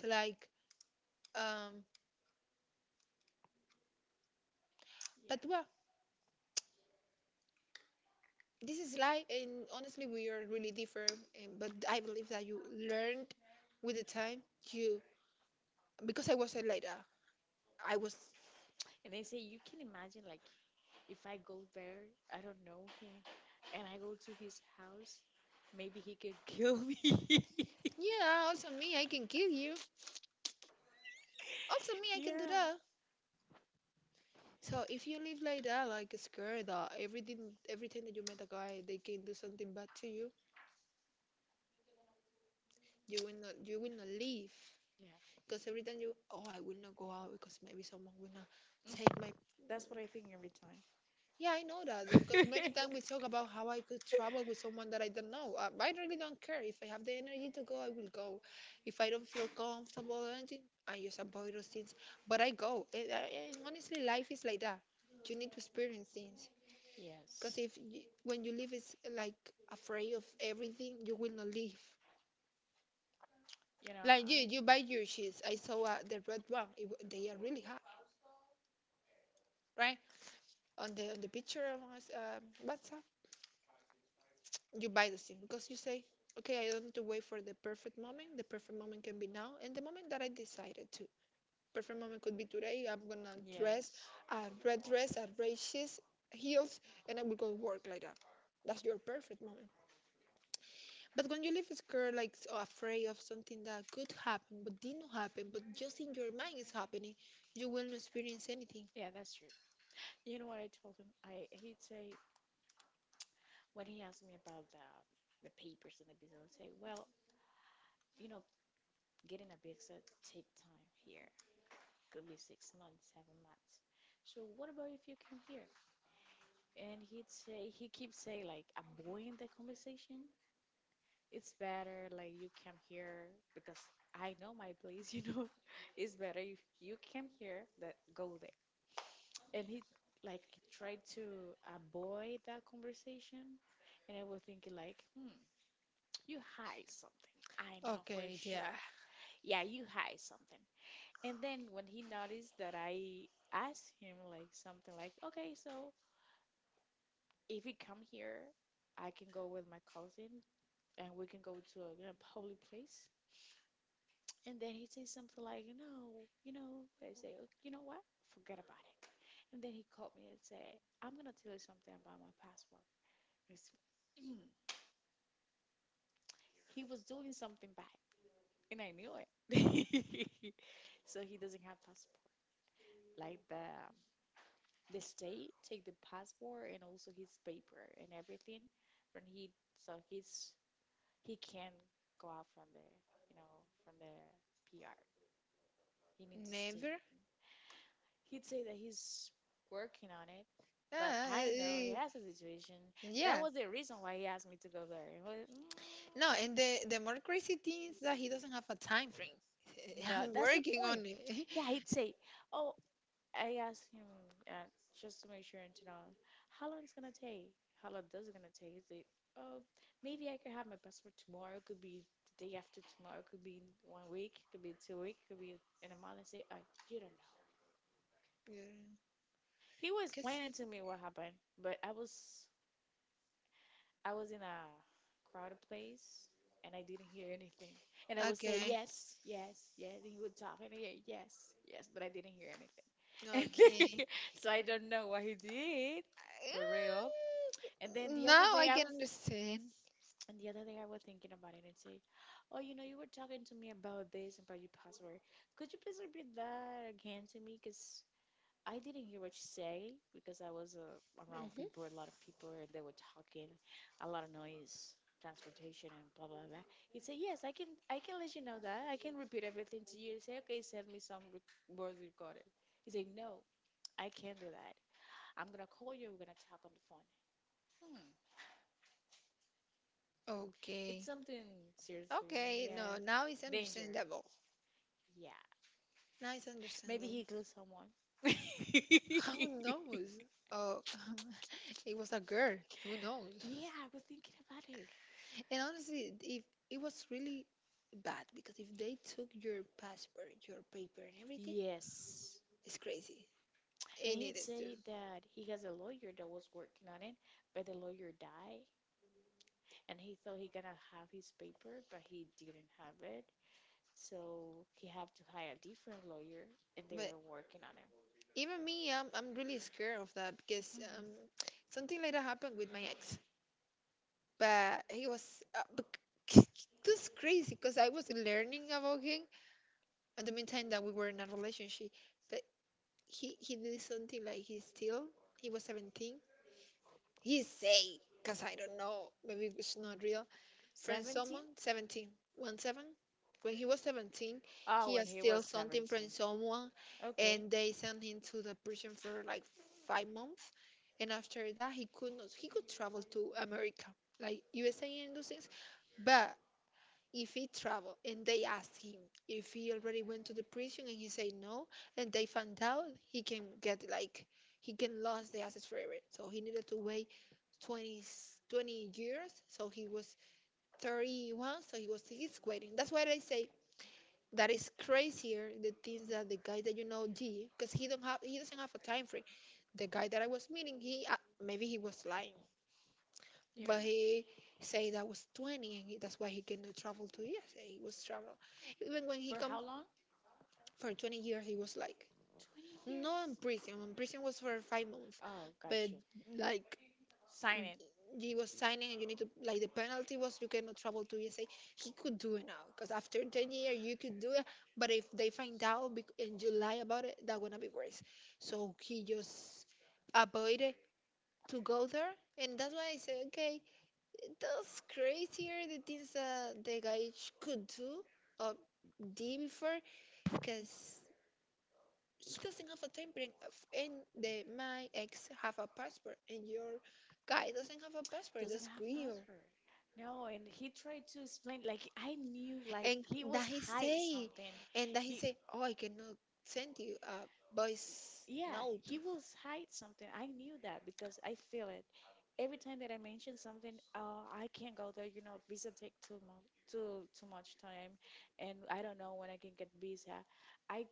Speaker 2: So like, um, but
Speaker 1: yeah.
Speaker 2: well, this is life, and honestly, we are really different. And, but I believe that you learned with the time. You because I wasn't like that. I was,
Speaker 1: And they say, you can imagine, like, if I go there, I don't know him, and I go to his house, maybe he could kill me.
Speaker 2: yeah. Also me, I can kill you. Also me, I can do
Speaker 1: Yeah.
Speaker 2: that. So if you live like that, like scared that everything, every time that you met a guy, they can do something bad to you. You will not leave.
Speaker 1: Yeah.
Speaker 2: Because every time you, oh, I will not go out because maybe someone will not
Speaker 1: Mm.
Speaker 2: take my.
Speaker 1: That's what I think every time.
Speaker 2: Yeah, I know that, because many times we talk about how I could travel with someone that I don't know. I really don't care. If I have the energy to go, I will go. If I don't feel comfortable or anything, I just avoid those things. But I go. And honestly, life is like that. You need to experience things. Because
Speaker 1: Yes.
Speaker 2: if you, when you live is like afraid of everything, you will not live.
Speaker 1: You know,
Speaker 2: Like you,
Speaker 1: I.
Speaker 2: you buy your shoes. I saw the red one. They are really hot, right? On the picture on us, WhatsApp. You buy the scene because you say, okay, I don't need to wait for the perfect moment. The perfect moment can be now and the moment that I decided to. Perfect moment could be today. I'm gonna
Speaker 1: Yes.
Speaker 2: a dress, a red shoes, heels, and I will go work like that. That's your perfect moment. But when you live scared, like so afraid of something that could happen but didn't happen, but just in your mind is happening, you will not experience anything.
Speaker 1: Yeah, that's true. You know what I told him? I he'd say when he asked me about the papers and the business, I'd say, well, you know, getting a visa take time here. Could be 6 months, 7 months. So what about if you come here? And he'd say he keeps saying like avoiding the conversation. It's better like you come here because I know my place, you know. It's better if you come here that go there. And he like tried to avoid that conversation. And I was thinking like, hmm, you hide something. I know for
Speaker 2: Okay, yeah.
Speaker 1: sure. Yeah, you hide something. And then when he noticed that I asked him like something like, okay, so if you come here, I can go with my cousin and we can go to a you know, public place. And then he says something like, no, you know, I say, "Oh, you know what? Forget about it. And then he called me and said, I'm gonna tell you something about my passport. It's- he was doing something bad, and I knew it. So he doesn't have passport. Like the state take the passport and also his paper and everything from he, so he's he can't go out from the you know from the PR. He needs to stay.
Speaker 2: Never.
Speaker 1: He'd say that he's working on it, but
Speaker 2: Ah,
Speaker 1: I know he has a situation. That
Speaker 2: yeah.
Speaker 1: was the reason why he asked me to go there. It was- mm,
Speaker 2: No, and the more crazy thing is that he doesn't have a time frame.
Speaker 1: no,
Speaker 2: I'm
Speaker 1: that's the
Speaker 2: working
Speaker 1: point.
Speaker 2: on it.
Speaker 1: Yeah, he'd say, "Oh, I asked him uh, just to make sure and to know how long it's gonna take. How long this is gonna take? Is it? Oh, maybe I could have my passport tomorrow. Could be the day after tomorrow. Could be in 1 week. Could be 2 weeks. Could be in a month. I say, I you don't know.
Speaker 2: Yeah.
Speaker 1: He was
Speaker 2: 'Cause-
Speaker 1: explaining to me what happened, but I was in a crowded place and I didn't hear anything. And I would say
Speaker 2: okay.
Speaker 1: yes, yes, yes, and he would talk and I, yes, yes, but I didn't hear anything. And
Speaker 2: Okay.
Speaker 1: so I don't know what he did for real. And then the other
Speaker 2: Now I
Speaker 1: day I
Speaker 2: can
Speaker 1: was
Speaker 2: understand.
Speaker 1: and the other day I was thinking about it and say, oh, you know, you were talking to me about this and about your password. Could you please repeat that again to me? Because I didn't hear what you say because I was around
Speaker 2: Mhm.
Speaker 1: people, a lot of people, and they were talking, a lot of noise, transportation, and blah blah blah. He said, "Yes, I can let you know that. I can repeat everything to you." He said, "Okay, send me some voice recorded." He said, "No, I can't do that. I'm gonna call you. We're gonna talk on the phone." Hmm,
Speaker 2: Okay.
Speaker 1: it's something seriously,
Speaker 2: Okay. No,
Speaker 1: yeah,
Speaker 2: now it's
Speaker 1: danger.
Speaker 2: understandable.
Speaker 1: Yeah,
Speaker 2: Now it's
Speaker 1: maybe
Speaker 2: understandable.
Speaker 1: he killed someone. yeah,
Speaker 2: Who knows? Oh, it was a girl. Who knows?
Speaker 1: I was thinking about it.
Speaker 2: And honestly, if it was really bad because if they took your passport, your paper, and everything,
Speaker 1: Yes.
Speaker 2: it's crazy.
Speaker 1: And
Speaker 2: And
Speaker 1: he'd
Speaker 2: it is too.
Speaker 1: say that he has a lawyer that was working on it, but the lawyer died, and he thought he gonna have his paper, but he didn't have it. So he have to hire a different lawyer, and
Speaker 2: But
Speaker 1: they're working on it.
Speaker 2: even me, I'm really scared of that because
Speaker 1: Hmm.
Speaker 2: something like that happened with my ex. But he was this is crazy because I was learning about him at the meantime that we were in a relationship. But he did something like he still he was 17. He say, 'cause I don't know, maybe it's not real. From
Speaker 1: 17?
Speaker 2: someone, 17, 17. When he was 17,
Speaker 1: Oh,
Speaker 2: he
Speaker 1: when
Speaker 2: has
Speaker 1: he
Speaker 2: steal
Speaker 1: was
Speaker 2: something from
Speaker 1: 17.
Speaker 2: someone,
Speaker 1: Okay,
Speaker 2: and they sent him to the prison for like 5 months. And after that, he could not, he could travel to America, like USA and those things. But if he travel and they ask him if he already went to the prison and he say no and they found out he can get like he can lose the assets forever so he needed to wait 20, 20 years so he was 31 so he's waiting. That's why I say that is crazier the things that the guy that you know did because he don't have he doesn't have a time frame. The guy that I was meeting he maybe he was lying
Speaker 1: you
Speaker 2: but
Speaker 1: don't know.
Speaker 2: he said that was 20, and he, that's why he cannot travel to USA. He was travel. Even when he
Speaker 1: For
Speaker 2: come
Speaker 1: how long?
Speaker 2: for 20 years, he was like,
Speaker 1: 20 years.
Speaker 2: not in prison. In prison was for 5 months.
Speaker 1: Oh,
Speaker 2: But
Speaker 1: got you.
Speaker 2: like,
Speaker 1: Sign it.
Speaker 2: he was signing and you need to, like, the penalty was you cannot travel to USA. He could do it now. Because after 10 years, you could do it. But if they find out and you lie about it, that gonna be worse. So he just avoided to go there. And that's why I say, okay, that's crazier the things that the guy could do or did before, because he doesn't have a template, and the my ex have a passport, and your guy doesn't have a passport.
Speaker 1: Doesn't
Speaker 2: That's
Speaker 1: have
Speaker 2: weird.
Speaker 1: password. No, and he tried to explain, like I knew like
Speaker 2: And
Speaker 1: he
Speaker 2: that
Speaker 1: was
Speaker 2: he
Speaker 1: hide
Speaker 2: say,
Speaker 1: something.
Speaker 2: and that he
Speaker 1: He
Speaker 2: say, oh, I cannot send you a voice
Speaker 1: yeah,
Speaker 2: note.
Speaker 1: he was hide something. I knew that because I feel it. Every time that I mention something, I can't go there, you know, visa take too much too much time, and I don't know when I can get visa. I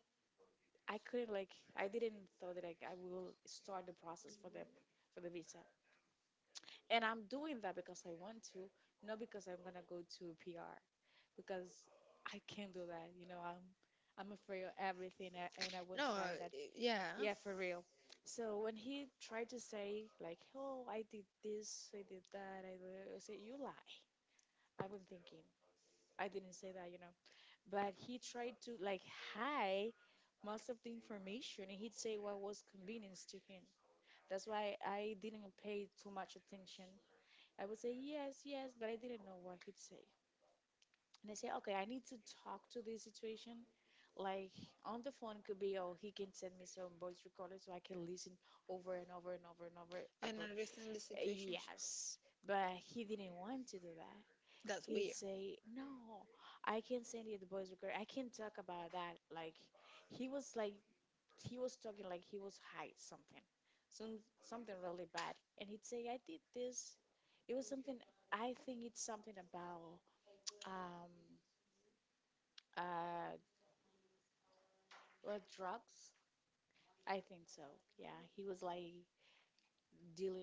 Speaker 1: I couldn't, like I didn't thought that like I will start the process for the visa. And I'm doing that because I want to, not because I'm gonna go to PR, because I can't do that. You know, I'm afraid of everything and I won't
Speaker 2: No,
Speaker 1: try that.
Speaker 2: yeah.
Speaker 1: Yeah, for real. So when he tried to say like, "Oh, I did this, I did that," I said, "You lie." I've been thinking. I didn't say that, you know. But he tried to like hide most of the information, and he'd say what was convenience to him. That's why I didn't pay too much attention. I would say, yes, yes, but I didn't know what he'd say. And I say, okay, I need to talk to this situation. Like on the phone could be, oh, he can send me some voice recorder so I can listen over and over and over and over
Speaker 2: And
Speaker 1: about
Speaker 2: understand the situation.
Speaker 1: yes. But he didn't want to do that.
Speaker 2: That's
Speaker 1: He'd
Speaker 2: weird.
Speaker 1: say, no, I can send you the voice recorder. I can talk about that. Like he was talking like he was high something, some something really bad, and he'd say I did this. It was something, I think it's something about um uh well, drugs, I think so. Yeah, he was like dealing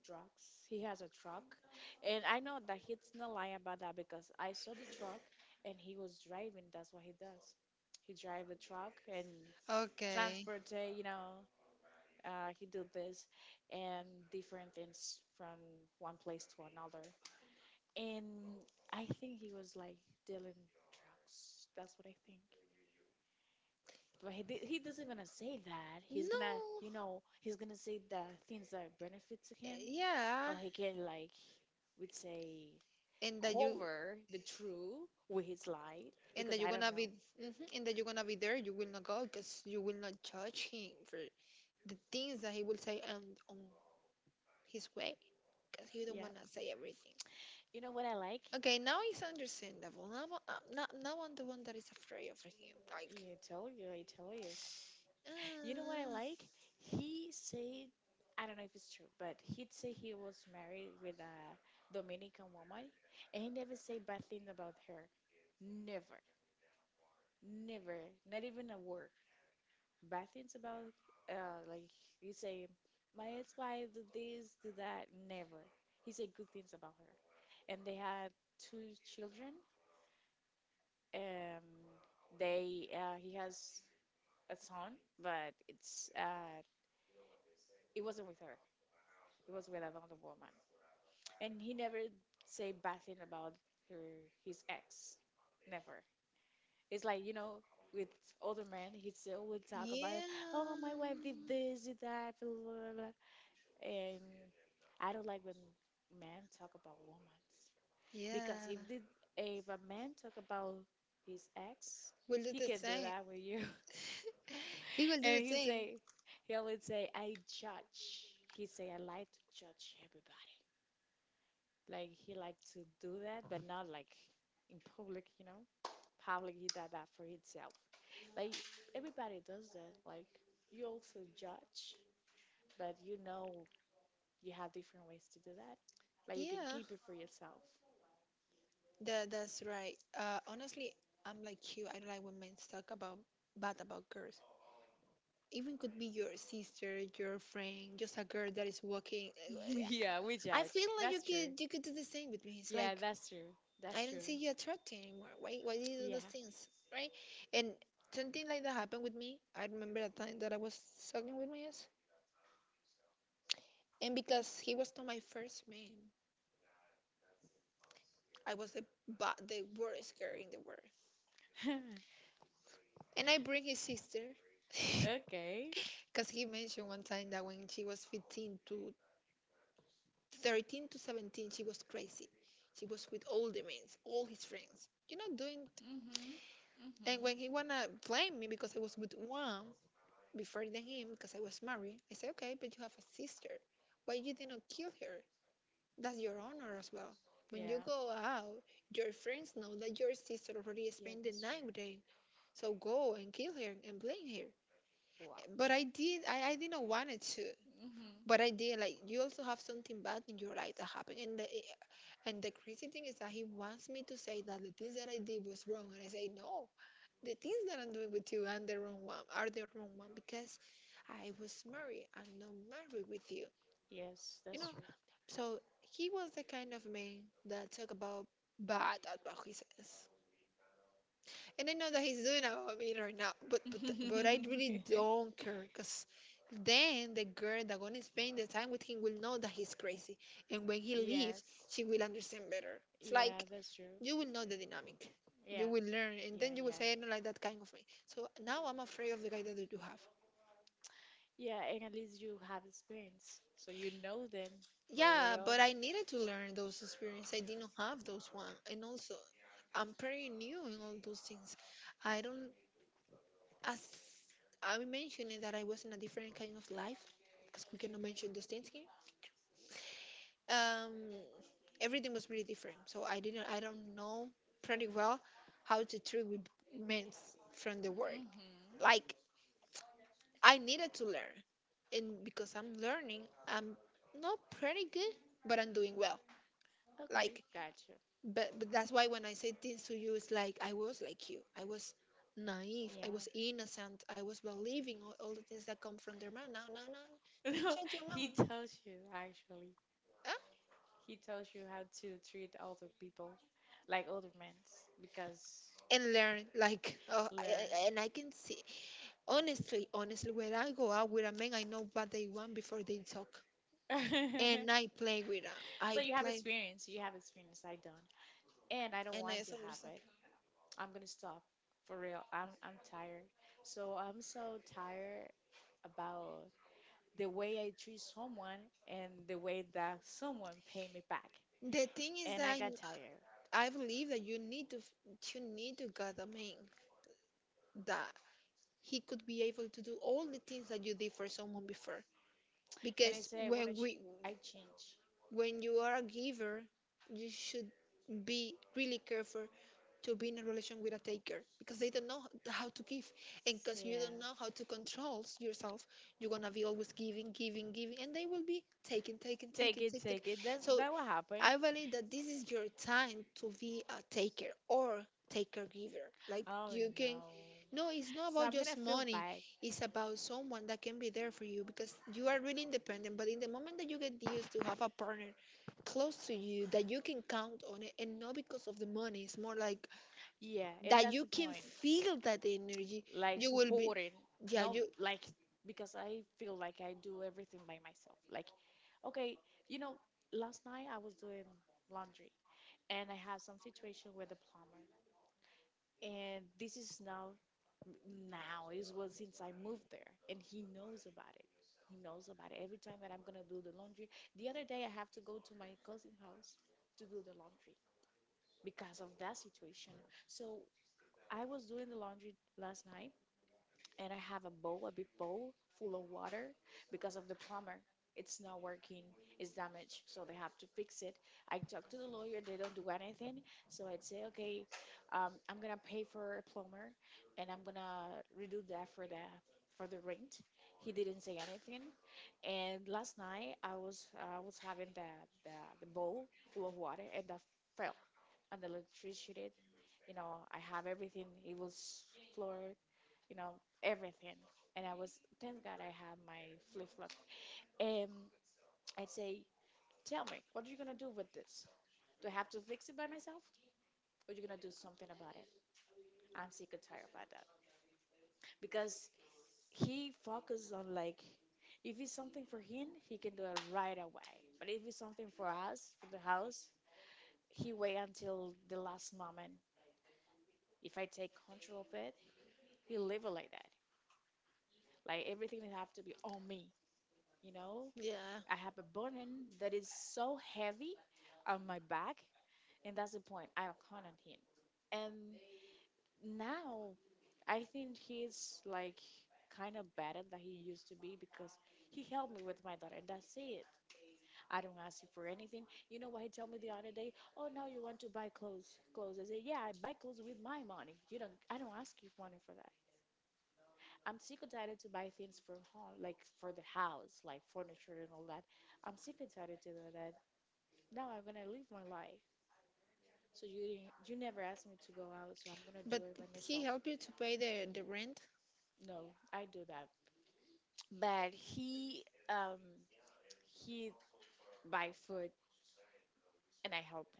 Speaker 1: drugs. He has a truck, and I know that he's not lying about that because I saw the truck, and he was driving. That's what he does. He drive the truck and
Speaker 2: Okay.
Speaker 1: transport you know, he did this and different things from one place to another. And I think he was like dealing drugs. That's what I think. But he doesn't gonna say that. He's gonna, you
Speaker 2: No.
Speaker 1: know, he's gonna say the things that benefit to him, or
Speaker 2: Yeah.
Speaker 1: he can like would say
Speaker 2: And that you
Speaker 1: cover the true with his lie
Speaker 2: and
Speaker 1: because
Speaker 2: that
Speaker 1: I
Speaker 2: you're
Speaker 1: don't
Speaker 2: gonna be,
Speaker 1: know.
Speaker 2: hmm and that you're gonna be there. You will not go because you will not judge him for the things that he will say on his way because you don't
Speaker 1: Yeah.
Speaker 2: wanna say everything.
Speaker 1: You know what I like?
Speaker 2: Okay, now it's understandable. Now, I'm now now I'm the one that is afraid of him. Like.
Speaker 1: Yeah, I tell you, I tell you. You know what I
Speaker 2: Uh,
Speaker 1: like? He said, I don't know if it's true, but he'd say he was married with a Dominican woman, and he never say bad things about her. Never, never, not even a word. Bad things about, like you say, my ex-wife did this, did that. Never. He said good things about her, and they had two children. um they he has a son, but it's it wasn't with her, it was with another woman, and he never say bad thing about her, his ex. Never. It's like, you know, with older men, he still will talk about, oh, my
Speaker 2: yeah.
Speaker 1: wife did this, did that, blah, blah, blah, blah." And I don't like when men talk about women because
Speaker 2: Yeah.
Speaker 1: if a man talk about his ex,
Speaker 2: We'll
Speaker 1: he
Speaker 2: do the
Speaker 1: can do
Speaker 2: same.
Speaker 1: that with you.
Speaker 2: He will do
Speaker 1: And
Speaker 2: the
Speaker 1: he
Speaker 2: same.
Speaker 1: say, he always say, I judge. He say, I like to judge everybody. Like he like to do that, but not like in public, you know. Public, he does that for himself. Like everybody does that. Like you also judge, but you know you have different ways to do that. Like you can
Speaker 2: Yeah.
Speaker 1: keep it for yourself.
Speaker 2: That that's right. Honestly, I'm like you. I don't like when men talk about bad about girls. Even could be your sister, your friend, just a girl that is walking.
Speaker 1: yeah, we
Speaker 2: I
Speaker 1: judge.
Speaker 2: feel like
Speaker 1: That's
Speaker 2: you
Speaker 1: true.
Speaker 2: could do the same with me. It's
Speaker 1: Yeah,
Speaker 2: like
Speaker 1: that's true. That's
Speaker 2: I don't
Speaker 1: true.
Speaker 2: see you attracting anymore. Why do you do
Speaker 1: Yeah.
Speaker 2: those things, right? And something like that happened with me. I remember a time that I was talking with my ex, and because he was not my first man, I was the the worst girl in the world. And I bring his sister.
Speaker 1: Okay.
Speaker 2: Because he mentioned one time that when she was 15 to 13 to 17, she was crazy. She was with all the men, all his friends. You know, doing.
Speaker 1: Mhm.
Speaker 2: And
Speaker 1: Mhm.
Speaker 2: when he wanna blame me because I was with one before than him, because I was married, I say, okay, but you have a sister. Why you didn't kill her? That's your honor as well. When
Speaker 1: Yeah.
Speaker 2: you go out, your friends know that your sister already
Speaker 1: Yeah,
Speaker 2: spent the
Speaker 1: that's true.
Speaker 2: night with him. So go and kill her and blame her.
Speaker 1: Wow.
Speaker 2: But I did. I didn't want it to.
Speaker 1: Mhm.
Speaker 2: But I did like you also have something bad in your life that happened, and the crazy thing is that he wants me to say that the things that I did was wrong, and I say no, the things that I'm doing with you and the wrong one are the wrong one because I was married, I'm not married with you,
Speaker 1: Yes,
Speaker 2: you
Speaker 1: that's
Speaker 2: know.
Speaker 1: true.
Speaker 2: So he was the kind of man that talk about bad about his, and I know that he's doing about me right now, but I really don't care, cause then the girl that gonna spend the time with him will know that he's crazy, and when he leaves,
Speaker 1: Yes.
Speaker 2: she will understand better. It's
Speaker 1: Yeah,
Speaker 2: like
Speaker 1: that's true.
Speaker 2: you will know the dynamic,
Speaker 1: Yeah.
Speaker 2: you will learn, and
Speaker 1: Yeah,
Speaker 2: then you will
Speaker 1: yeah,
Speaker 2: say I
Speaker 1: yeah.
Speaker 2: don't like that kind of way. So now I'm afraid of the guy that you have.
Speaker 1: Yeah, and at least you have experience. So you know then for
Speaker 2: Yeah,
Speaker 1: real.
Speaker 2: but I needed to learn those experiences. I didn't have those one, and also I'm pretty new in all those things. I don't— as I mentioned it, that I was in a different kind of life, because we cannot mention those things here. Um, Everything was really different, so I don't know pretty well how to treat with men from the world.
Speaker 1: Mhm.
Speaker 2: Like, I needed to learn, and because I'm learning, I'm not pretty good, but I'm doing well.
Speaker 1: Okay,
Speaker 2: Like,
Speaker 1: gotcha.
Speaker 2: but, that's why when I say things to you, it's like I was like you. I was naive. I
Speaker 1: Yeah.
Speaker 2: was innocent. I was believing all the things that come from their mouth. No, no, no.
Speaker 1: No,
Speaker 2: Shut your
Speaker 1: he
Speaker 2: mouth.
Speaker 1: tells you actually.
Speaker 2: Huh?
Speaker 1: He tells you how to treat older people, like older men, because
Speaker 2: And learn like oh, I,
Speaker 1: they're.
Speaker 2: I- and I can see honestly, when I go out with a man, I know what they want before they talk. And I play with that.
Speaker 1: So
Speaker 2: I
Speaker 1: you have
Speaker 2: play,
Speaker 1: experience. You have experience. I don't, and I don't
Speaker 2: and
Speaker 1: want
Speaker 2: I
Speaker 1: to
Speaker 2: also
Speaker 1: have it.
Speaker 2: understand.
Speaker 1: I'm gonna stop, for real. I'm tired. So I'm so tired about the way I treat someone and the way that someone pay me back,
Speaker 2: The thing is
Speaker 1: and I
Speaker 2: that
Speaker 1: got
Speaker 2: I
Speaker 1: tired.
Speaker 2: I believe that you need to you need to get a man that he could be able to do all the things that you did for someone before.
Speaker 1: And I
Speaker 2: Because
Speaker 1: said,
Speaker 2: when we
Speaker 1: I change.
Speaker 2: When you are a giver, you should be really careful to be in a relation with a taker, because they don't know how to give, and because you
Speaker 1: Yeah.
Speaker 2: don't know how to control yourself, you're gonna be always giving, giving, giving, and they will be taking, taking,
Speaker 1: Take
Speaker 2: taking,
Speaker 1: it, take
Speaker 2: taking.
Speaker 1: it. That's that
Speaker 2: So
Speaker 1: will happen.
Speaker 2: I believe that this is your time to be a taker, or taker giver like
Speaker 1: Oh
Speaker 2: you can—
Speaker 1: no.
Speaker 2: no, it's not
Speaker 1: So I'm
Speaker 2: about
Speaker 1: gonna
Speaker 2: just
Speaker 1: feel
Speaker 2: money,
Speaker 1: bad.
Speaker 2: it's about someone that can be there for you, because you are really independent, but in the moment that you get used to have a partner close to you that you can count on it, and not because of the money, it's more like
Speaker 1: Yeah, and that's
Speaker 2: that
Speaker 1: the
Speaker 2: you can
Speaker 1: point.
Speaker 2: feel that energy,
Speaker 1: Like
Speaker 2: you will be—
Speaker 1: supporting.
Speaker 2: yeah,
Speaker 1: No,
Speaker 2: you—
Speaker 1: like because I feel like I do everything by myself. Like, okay, you know, last night I was doing laundry, and I had some situation with the plumber. And this is now, now is well since I moved there, and he knows about it. He knows about it. Every time that I'm gonna do the laundry. The other day I have to go to my cousin's house to do the laundry because of that situation. So I was doing the laundry last night, and I have a bowl, a big bowl full of water, because of the plumber. It's not working, it's damaged, so they have to fix it. I talked to the lawyer, they don't do anything. So I'd say, okay, I'm gonna pay for a plumber, and I'm gonna redo that for the rent. He didn't say anything. And last night I was having the the bowl full of water, and that fell, and the electricity, you know, I have everything. It was floored, you know, everything, and I was, thank God, I have my flip-flop. And I'd say, tell me, what are you gonna do with this? Do I have to fix it by myself, or are you gonna do something about it? I'm sick and tired about that, because he focuses on, like, if it's something for him, he can do it right away, but if it's something for us, for the house, he wait until the last moment. If I take control of it, he'll leave it like that. Like everything that have to be on me, you know?
Speaker 2: yeah,
Speaker 1: I have a burden that is so heavy on my back, and that's the point. I count on him. And now I think he's like kind of better than he used to be because he helped me with my daughter, and that's it. I don't ask him for anything. You know what he told me the other day? Oh, now you want to buy clothes? Clothes? I said, yeah, I buy clothes with my money. You don't. I don't ask you for money for that. I'm sick and tired to buy things for home, like for the house, like furniture and all that. I'm sick and tired to do that. Now I'm gonna live my life. So you didn't, you never asked me to go out, so I'm gonna do
Speaker 2: but
Speaker 1: it by myself.
Speaker 2: he helped you to pay the rent.
Speaker 1: No, I do that. But um he buy food, and I help him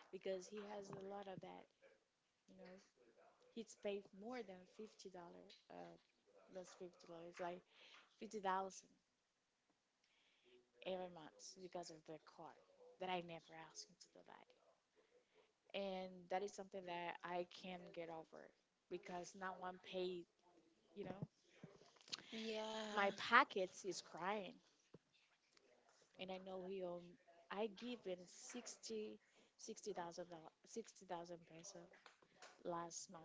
Speaker 1: because he has a lot of that, you know. He's paid more than $50. That's $50. It's like 50,000 every month because of the car, that I never asked him to do that. And that is something that I can't get over because not one paid, you know.
Speaker 2: Yeah,
Speaker 1: My
Speaker 2: and
Speaker 1: pockets is crying, and I know he own. I give him 60, $60,000, 60,000 peso last month,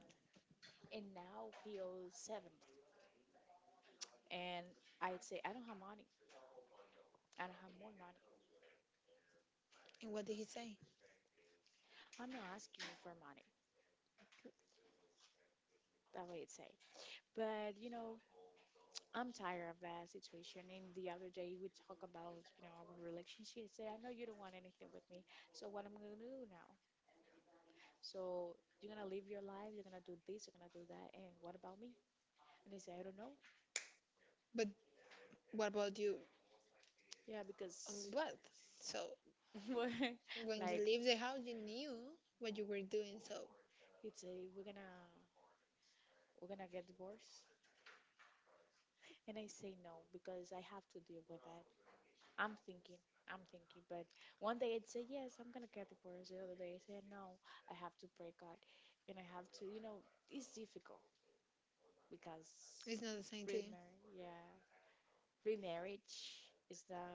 Speaker 1: and now he owes 70. And I'd say I don't have money. I don't have more money.
Speaker 2: what did he say?
Speaker 1: I'm not asking you for money. That way it's safe. But you know, I'm tired of that situation. And the other day we talk about, you know, our relationship. Say, I know you don't want anything with me. So what am I gonna do now? So you're gonna live your life. You're gonna do this. You're gonna do that. And what about me? And they say, I don't know.
Speaker 2: But what about you?
Speaker 1: Yeah,
Speaker 2: Um,
Speaker 1: because
Speaker 2: what, so
Speaker 1: what,
Speaker 2: when
Speaker 1: like
Speaker 2: you leave the house you knew what you were doing, so
Speaker 1: it's a, we're gonna get divorced. And I say no because I have to deal with that. I'm thinking, I'm thinking, but one day I'd say yes, I'm gonna get divorced. The other day I say no, I have to pray God, and I have to, you know, it's difficult because
Speaker 2: it's not the same thing.
Speaker 1: remarry, yeah, remarriage is now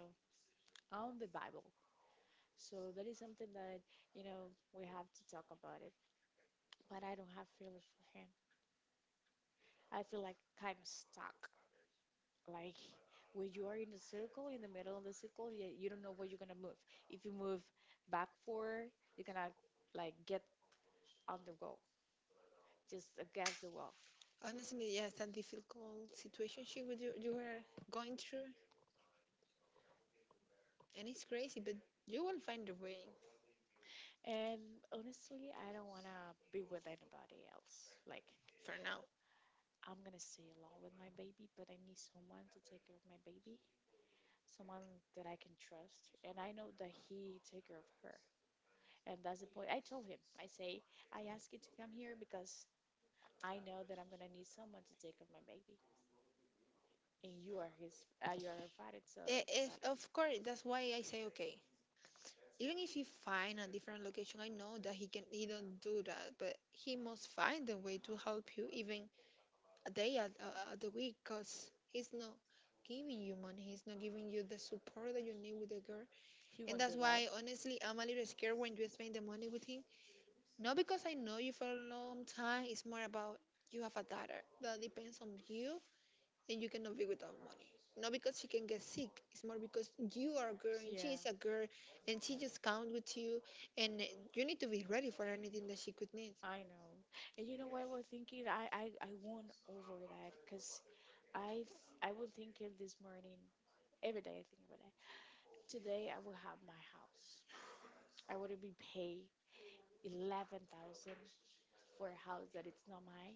Speaker 1: on the Bible. So that is something that, you know, we have to talk about it. But I don't have feeling for him. I feel like kind of stuck. Like when you are in the circle, in the middle of the circle, yeah, you don't know where you're gonna move. If you move back forward, you're gonna like get on the wall, just against the wall.
Speaker 2: Honestly, yes, a difficult situation you were going through, and it's crazy, but you will find a way
Speaker 1: And honestly, I don't want to be with anybody else. Like,
Speaker 2: for now.
Speaker 1: I'm going to stay alone with my baby, but I need someone to take care of my baby, someone that I can trust. And I know that he take care of her. And that's the point. I told him, I say, I ask you to come here because I know that I'm going to need someone to take care of my baby. And you are his, you are her father, so but
Speaker 2: If, of course, that's why I say okay. Even if he find a different location, I know that he can. He don't do that, but he must find a way to help you, even a day at the week, cause he's not giving you money. He's not giving you the support that you need with the girl.
Speaker 1: he won't
Speaker 2: And
Speaker 1: do
Speaker 2: that's
Speaker 1: that.
Speaker 2: why, honestly, I'm a little scared when you spend the money with him. Not because I know you for a long time, it's more about you have a daughter that depends on you and you cannot be without money. Not because she can get sick, it's more because you are a girl and
Speaker 1: Yeah.
Speaker 2: she is a girl, and
Speaker 1: Yeah.
Speaker 2: she just counts with you, and you need to be ready for anything that she could need.
Speaker 1: I know. And you know what I was thinking? I won over that because I was thinking this morning, every day I think about that. Today I will have my house. I would not be pay 11,000 for a house that it's not mine,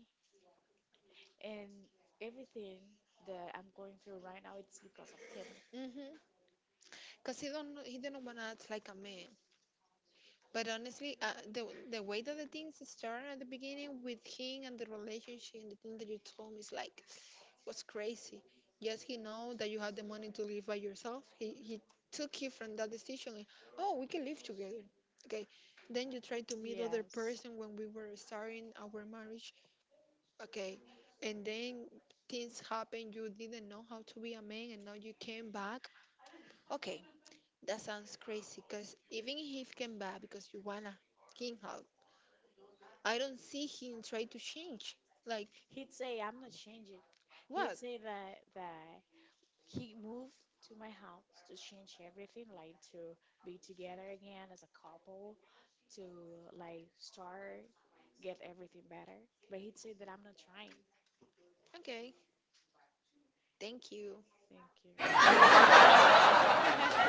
Speaker 1: and everything that I'm going through right now it's because of him.
Speaker 2: Mhm. Because he didn't wanna act like a man. But honestly, the the way that the things start at the beginning with him and the relationship and the thing that you told me is like, was crazy. Yes, he know that you have the money to live by yourself. He took you from that decision. Like, oh, we can live together. Okay. Then you try to meet other
Speaker 1: Yes,
Speaker 2: person when we were starting our marriage. Okay. And then things happen. You didn't know how to be a man, and now you came back. Okay, that sounds crazy. Cause even if he came back because you wanna him, I don't see him try to change. Like,
Speaker 1: he'd say I'm not changing. He'd
Speaker 2: what?
Speaker 1: say that that he moved to my house to change everything, like to be together again as a couple, to like start, get everything better. But he said that I'm not trying.
Speaker 2: Okay, thank you.
Speaker 1: Thank you.